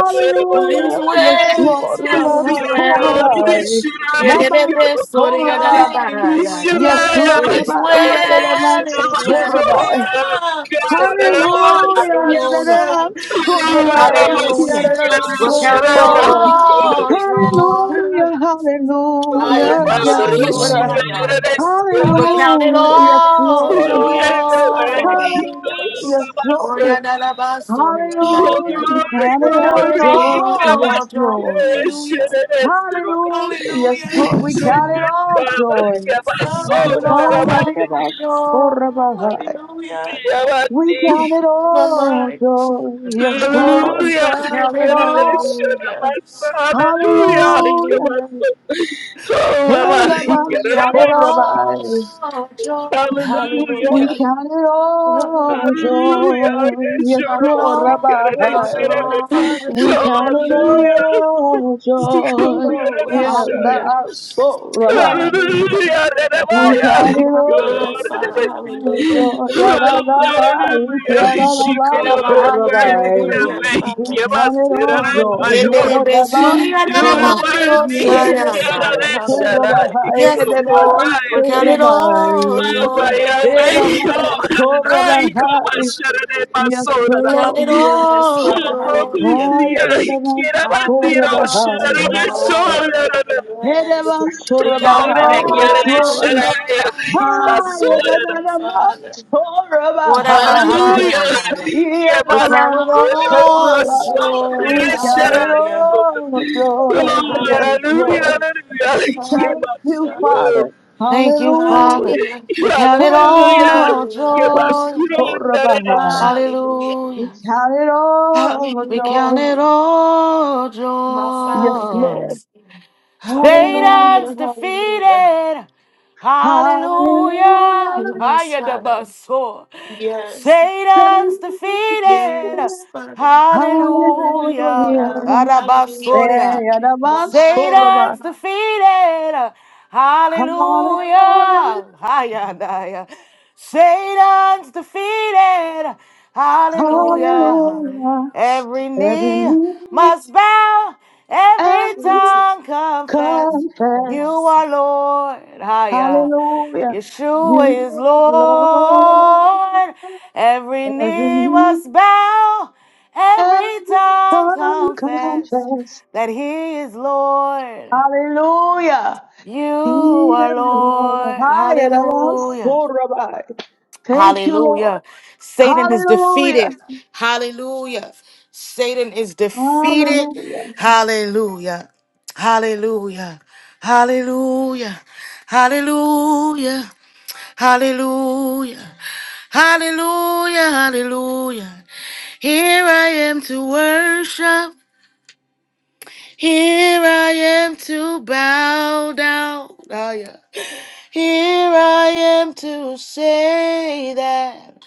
Speaker 1: it is well. It is
Speaker 2: Yes, Lord,
Speaker 4: Yes, Father,
Speaker 2: above
Speaker 4: hallelujah.
Speaker 2: Korabai. Naman
Speaker 6: Hallelujah.
Speaker 2: Korabai.
Speaker 4: Hallelujah,
Speaker 2: Yes,
Speaker 6: Ishiraya,
Speaker 4: hallelujah,
Speaker 2: Lord,
Speaker 4: hallelujah.
Speaker 2: above
Speaker 6: Yoni,
Speaker 1: well, it is well.
Speaker 2: Korabai.
Speaker 6: Ishiramasoya,
Speaker 4: Father,
Speaker 6: Kandarabaya,
Speaker 2: Hallelujah.
Speaker 4: Father,
Speaker 1: Hallelujah,
Speaker 2: Yadadam.
Speaker 4: Father.
Speaker 2: Kodrabaiki
Speaker 4: Oh,
Speaker 1: hallelujah.
Speaker 6: Kandarabasikia,
Speaker 4: yes,
Speaker 1: We'll
Speaker 2: yadadadam.
Speaker 1: count
Speaker 4: Father,
Speaker 1: it
Speaker 6: Ishiraya,
Speaker 2: Oh, uh,
Speaker 4: hallelujah.
Speaker 1: all
Speaker 6: Ikera.
Speaker 1: joy.
Speaker 2: hallelujah,
Speaker 1: I
Speaker 6: Oh,
Speaker 2: hallelujah,
Speaker 3: Yes,
Speaker 6: Father,
Speaker 2: yes,
Speaker 3: Lord,
Speaker 2: Lord. Uh,
Speaker 4: Hallelujah,
Speaker 6: Ishikera,
Speaker 3: hallelujah.
Speaker 1: We'll
Speaker 6: Ishikera.
Speaker 1: count it
Speaker 2: Hallelujah,
Speaker 4: hallelujah.
Speaker 2: yes,
Speaker 1: all
Speaker 2: Lord.
Speaker 6: Yahweh,
Speaker 4: Yes, Father,
Speaker 1: joy.
Speaker 6: Yahweh,
Speaker 4: hallelujah.
Speaker 2: Hallelujah, yes,
Speaker 1: Oh,
Speaker 2: Lord.
Speaker 1: yeah,
Speaker 6: Kandabaso.
Speaker 1: that about story. yeah, that,
Speaker 6: Oh,
Speaker 2: Hallelujah,
Speaker 1: yeah.
Speaker 2: we
Speaker 6: glory,
Speaker 2: count
Speaker 1: We
Speaker 2: it
Speaker 1: count
Speaker 2: all
Speaker 1: it
Speaker 6: glory,
Speaker 2: joy,
Speaker 1: all
Speaker 2: yes,
Speaker 6: Kandabasia,
Speaker 2: Lord.
Speaker 1: joy.
Speaker 4: Hallelujah,
Speaker 6: Ishiraya, Ishiraya.
Speaker 2: Hallelujah, yes,
Speaker 4: hallelujah.
Speaker 2: Lord, we
Speaker 3: Yes,
Speaker 6: Your
Speaker 2: count it
Speaker 3: Lord.
Speaker 6: good
Speaker 2: all
Speaker 6: Father,
Speaker 2: joy.
Speaker 1: We
Speaker 6: Kandabaso,
Speaker 1: count it
Speaker 3: Thank you,
Speaker 4: Father,
Speaker 1: all
Speaker 3: Father.
Speaker 6: Kandarabate,
Speaker 2: Hallelujah,
Speaker 1: joy.
Speaker 2: Kodrabai.
Speaker 4: hallelujah.
Speaker 2: We count
Speaker 6: Kandarabate.
Speaker 2: it
Speaker 4: My
Speaker 2: all
Speaker 4: mind.
Speaker 2: joy, yes,
Speaker 1: We
Speaker 4: My
Speaker 2: Lord.
Speaker 6: Hallelujah. Hallelujah.
Speaker 1: count it
Speaker 4: Father,
Speaker 1: all.
Speaker 4: hallelujah.
Speaker 3: Yes,
Speaker 2: Hallelujah.
Speaker 4: Hallelujah.
Speaker 6: Oh, Baba.
Speaker 2: Elabas
Speaker 1: We
Speaker 4: Hallelujah.
Speaker 1: count it
Speaker 2: Rabbi.
Speaker 1: all joy.
Speaker 6: Hallelujah.
Speaker 2: We
Speaker 4: Hallelujah.
Speaker 6: Hallelujah.
Speaker 2: count it all
Speaker 4: Hallelujah.
Speaker 2: joy.
Speaker 1: We
Speaker 2: Yes,
Speaker 1: count it
Speaker 2: Lord
Speaker 1: all
Speaker 2: Rabbi.
Speaker 4: Oh, Father,
Speaker 1: joy.
Speaker 2: We
Speaker 6: Oh,
Speaker 2: count it
Speaker 4: hallelujah.
Speaker 6: hallelujah.
Speaker 2: all
Speaker 6: Stick on
Speaker 2: joy.
Speaker 6: the
Speaker 4: Oh,
Speaker 6: other
Speaker 2: Yeah,
Speaker 1: Hallelujah.
Speaker 4: hallelujah.
Speaker 6: side.
Speaker 2: that's so Rabbi.
Speaker 4: Hallelujah.
Speaker 6: Hallelujah,
Speaker 2: We
Speaker 1: Oh,
Speaker 2: count
Speaker 6: Renemaya.
Speaker 2: it
Speaker 4: My,
Speaker 1: yeah.
Speaker 4: my Father,
Speaker 6: God.
Speaker 2: all
Speaker 4: hallelujah.
Speaker 2: joy. Yeah, that's Rabbi. We
Speaker 4: Hallelujah.
Speaker 2: count it
Speaker 6: Hallelujah,
Speaker 2: all
Speaker 1: da, da,
Speaker 2: so
Speaker 6: Shikoro, Maria,
Speaker 2: Rabbi.
Speaker 4: My,
Speaker 1: da.
Speaker 4: yes,
Speaker 6: Maria, Maria,
Speaker 2: We
Speaker 4: Father.
Speaker 2: count it all joy. Yeah,
Speaker 1: Yendere
Speaker 4: Hallelujah.
Speaker 2: that's
Speaker 1: besuri
Speaker 6: you
Speaker 1: yandere
Speaker 6: are
Speaker 2: Rabbi.
Speaker 1: mandi
Speaker 2: Yes, Lord. Higher than the
Speaker 6: worthy,
Speaker 4: Yes, Father,
Speaker 1: osaya
Speaker 6: Kiara
Speaker 4: hallelujah.
Speaker 6: Sharai, Kio
Speaker 1: Yes,
Speaker 2: man,
Speaker 1: Lord, we count it
Speaker 2: Torabahai.
Speaker 1: all joy.
Speaker 6: Hallelujah.
Speaker 4: Yes,
Speaker 2: Erevan
Speaker 4: Father, hallelujah.
Speaker 2: Torabahai. Yes,
Speaker 1: We count it
Speaker 2: Lord.
Speaker 4: Yes,
Speaker 1: all
Speaker 4: Father,
Speaker 1: joy.
Speaker 4: hallelujah.
Speaker 2: Higher than the man,
Speaker 1: I am never
Speaker 2: Torabahai.
Speaker 4: My
Speaker 1: story.
Speaker 4: Father, yes.
Speaker 2: Erevan
Speaker 1: We count it
Speaker 2: Torabahai.
Speaker 4: Hallelujah.
Speaker 1: all joy.
Speaker 4: Hallelujah, Father.
Speaker 1: What am
Speaker 4: Hallelujah.
Speaker 1: I? We
Speaker 6: Hallelujah.
Speaker 1: count it all joy.
Speaker 2: We count it
Speaker 4: Hallelujah.
Speaker 2: all joy. Yes, Lord.
Speaker 4: Hallelujah.
Speaker 2: Thank you,
Speaker 4: Hallelujah.
Speaker 6: Hallelujah.
Speaker 2: Father.
Speaker 1: Thank you, Father.
Speaker 2: Hallelujah.
Speaker 4: Hallelujah.
Speaker 1: We count it
Speaker 6: Hallelujah.
Speaker 2: Hallelujah.
Speaker 1: all
Speaker 4: Hallelujah.
Speaker 1: joy.
Speaker 6: Yabasuro darere.
Speaker 2: Korabahai.
Speaker 4: Hallelujah.
Speaker 2: We
Speaker 1: Hallelujah.
Speaker 2: count it all a
Speaker 1: We count
Speaker 4: Hallelujah.
Speaker 2: joy.
Speaker 1: it all
Speaker 4: My
Speaker 2: Yes,
Speaker 4: Father,
Speaker 1: joy.
Speaker 2: Lord.
Speaker 4: yes.
Speaker 2: Hallelujah.
Speaker 1: Satan's
Speaker 4: Hallelujah. Hallelujah.
Speaker 1: defeated.
Speaker 2: Hallelujah.
Speaker 1: Hallelujah.
Speaker 4: Yes, Father.
Speaker 1: Hayadabaso.
Speaker 4: Yes.
Speaker 1: Satan's
Speaker 2: Thank you,
Speaker 1: defeated.
Speaker 4: Yes,
Speaker 2: Jesus.
Speaker 4: Father.
Speaker 2: Hallelujah.
Speaker 1: Hallelujah.
Speaker 4: Hallelujah. Hallelujah.
Speaker 1: Arabasoria.
Speaker 4: My mind.
Speaker 2: Eyadabansoraba.
Speaker 1: Satan's defeated.
Speaker 2: Hallelujah.
Speaker 1: Hallelujah. Hayadaya. Satan's defeated.
Speaker 4: Hallelujah.
Speaker 1: Hallelujah.
Speaker 2: Hallelujah.
Speaker 1: Every
Speaker 2: Every
Speaker 1: knee
Speaker 2: knee
Speaker 1: must bow, every
Speaker 2: and
Speaker 4: Thank you,
Speaker 1: tongue confess. You
Speaker 2: confess.
Speaker 4: Jesus.
Speaker 1: are Lord. Higher.
Speaker 2: Hallelujah. You
Speaker 4: You
Speaker 1: Yeshua is
Speaker 2: are Lord.
Speaker 1: Lord. Every
Speaker 2: Every
Speaker 1: knee
Speaker 2: knee,
Speaker 1: must bow,
Speaker 2: every
Speaker 1: every tongue
Speaker 2: tongue
Speaker 1: confess
Speaker 2: confess.
Speaker 1: that He is Lord.
Speaker 2: Hallelujah.
Speaker 1: You
Speaker 2: Thank
Speaker 1: are Lord. Hallelujah.
Speaker 2: you, Lord.
Speaker 1: Hallelujah. Satan is
Speaker 2: Hallelujah.
Speaker 1: defeated. Hallelujah. Satan is defeated.
Speaker 2: Hallelujah.
Speaker 1: Hallelujah. Hallelujah. Hallelujah. Hallelujah. Hallelujah. Hallelujah, hallelujah. Here I am to worship. Here I am to bow down. Oh, yeah. Here I am to say that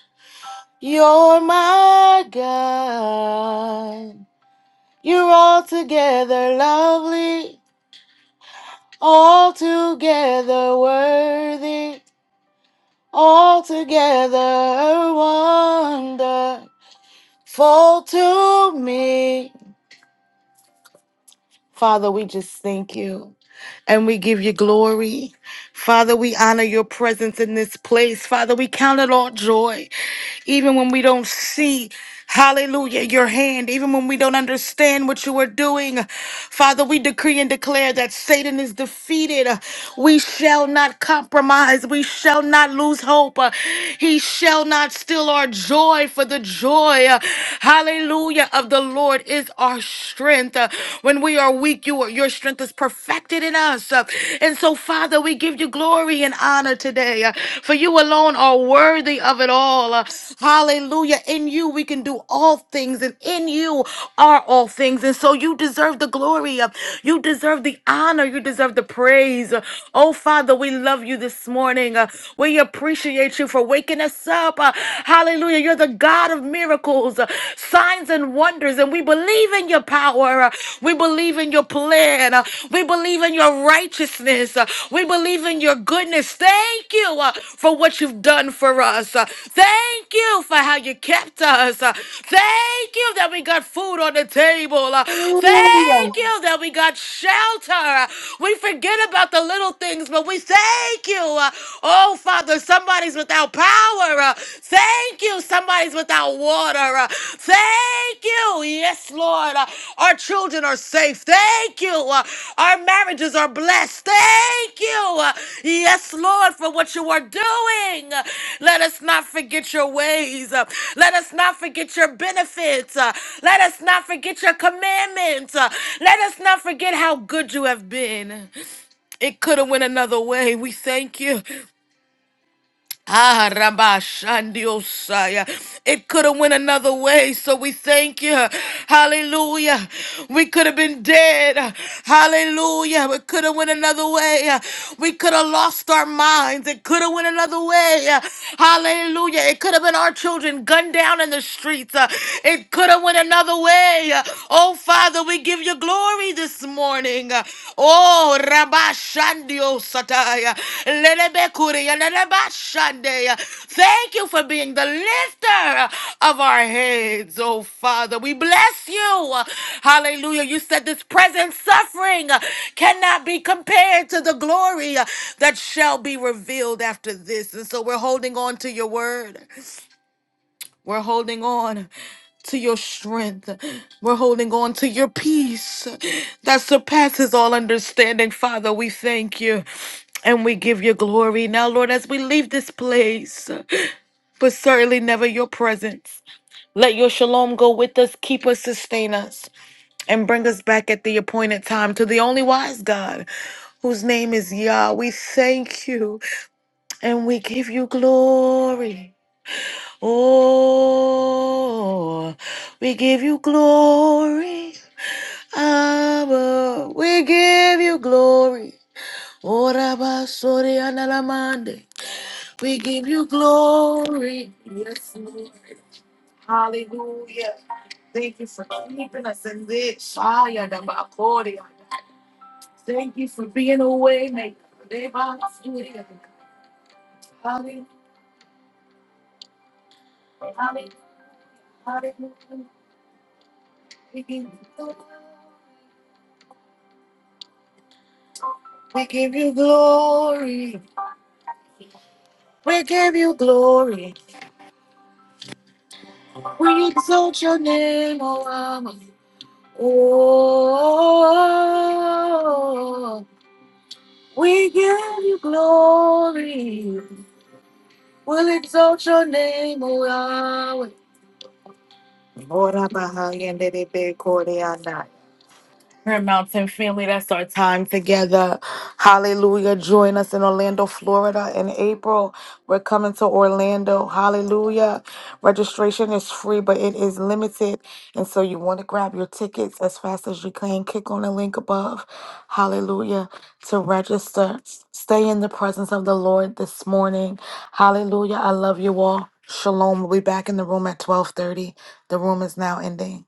Speaker 1: you're my God. You're altogether lovely, altogether worthy, altogether wonderful to me. Father, we just thank you and we give you glory. Father, we honor your presence in this place. Father, we count it all joy, even when we don't see. Hallelujah, your hand, even when we don't understand what you are doing. Father, we decree and declare that Satan is defeated. We shall not compromise. We shall not lose hope. He shall not steal our joy, for the joy, hallelujah, of the Lord is our strength. When we are weak, you are, your strength is perfected in us. And so, Father, Father, we give you glory and honor today, uh, for you alone are worthy of it all. Uh, Hallelujah. In you, we can do all things, and in you are all things. And so you deserve the glory. uh, You deserve the honor. You deserve the praise. Uh, Oh, Father, we love you this morning. Uh, We appreciate you for waking us up. Uh, Hallelujah. You're the God of miracles. Uh, signs and wonders, and we believe in your power. We believe in your plan. We believe in your righteousness. We believe in your goodness. Thank you uh, for what you've done for us. Uh, Thank you for how you kept us. Uh, Thank you that we got food on the table. Uh,
Speaker 2: Hallelujah.
Speaker 1: Thank you that we got shelter. Uh, We forget about the little things, but we thank you. uh, for Power. Uh, Thank you, somehow, war. Uh, Thank you. Yes, Lord. Uh, Our children are safe. Thank you. Uh, Our marriages are blessed. Thank you. Uh, Yes, Lord, for what you are doing. Uh, Let us not forget your ways. Uh, Let us not forget your bits. Uh, Not forget you have been. It could have went another way. We thank you. Ah, Rabashandiosaya. It could have went another way, so we thank you. Hallelujah. We could have been dead. Hallelujah. It could have went another way. We could have lost our minds. It could have went another way. Hallelujah. It could have been our children gunned down in the streets. Uh, It could have went another way. Oh, Father, we give you glory this morning. Oh, Rabashandio Sataya. Lelebekuria, Lelebashandeya. Thank you for being the lifter of our heads, oh Father. We bless you. Hallelujah. You said this present suffering cannot be compared to the glory that shall be revealed after this. And so we're holding on to your word. We're holding on to your strength. We're holding on to your peace that surpasses all understanding. Father, we thank you and we give you glory. Now, Lord, as we leave this place, but certainly never your presence, let your shalom go with us, keep us, sustain us, and bring us back at the appointed time to the only wise God whose name is Yah. We thank you and we give you glory. Oh, we give you glory, Abba. We give you glory. Ora basori analamande. We give you glory. Yes, Lord. Hallelujah. Thank you for keeping us in this fire. da bakori. Thank you for being a way maker. De basori. Hallelujah. We give you glory. We give you glory. We give you glory. We exalt your name, O Lama. Oh, we give you. Prayer Mountain family, that's our time together. Hallelujah. Join us in Orlando, Florida in April. We're coming to Orlando. Hallelujah. Registration is free, but it is limited. And so you want to grab your tickets as fast as you can. Click on the link above. Hallelujah. To register. Stay in the presence of the Lord this morning. Hallelujah. I love you all. Shalom. We'll be back in the room at 1230. The room is now ending.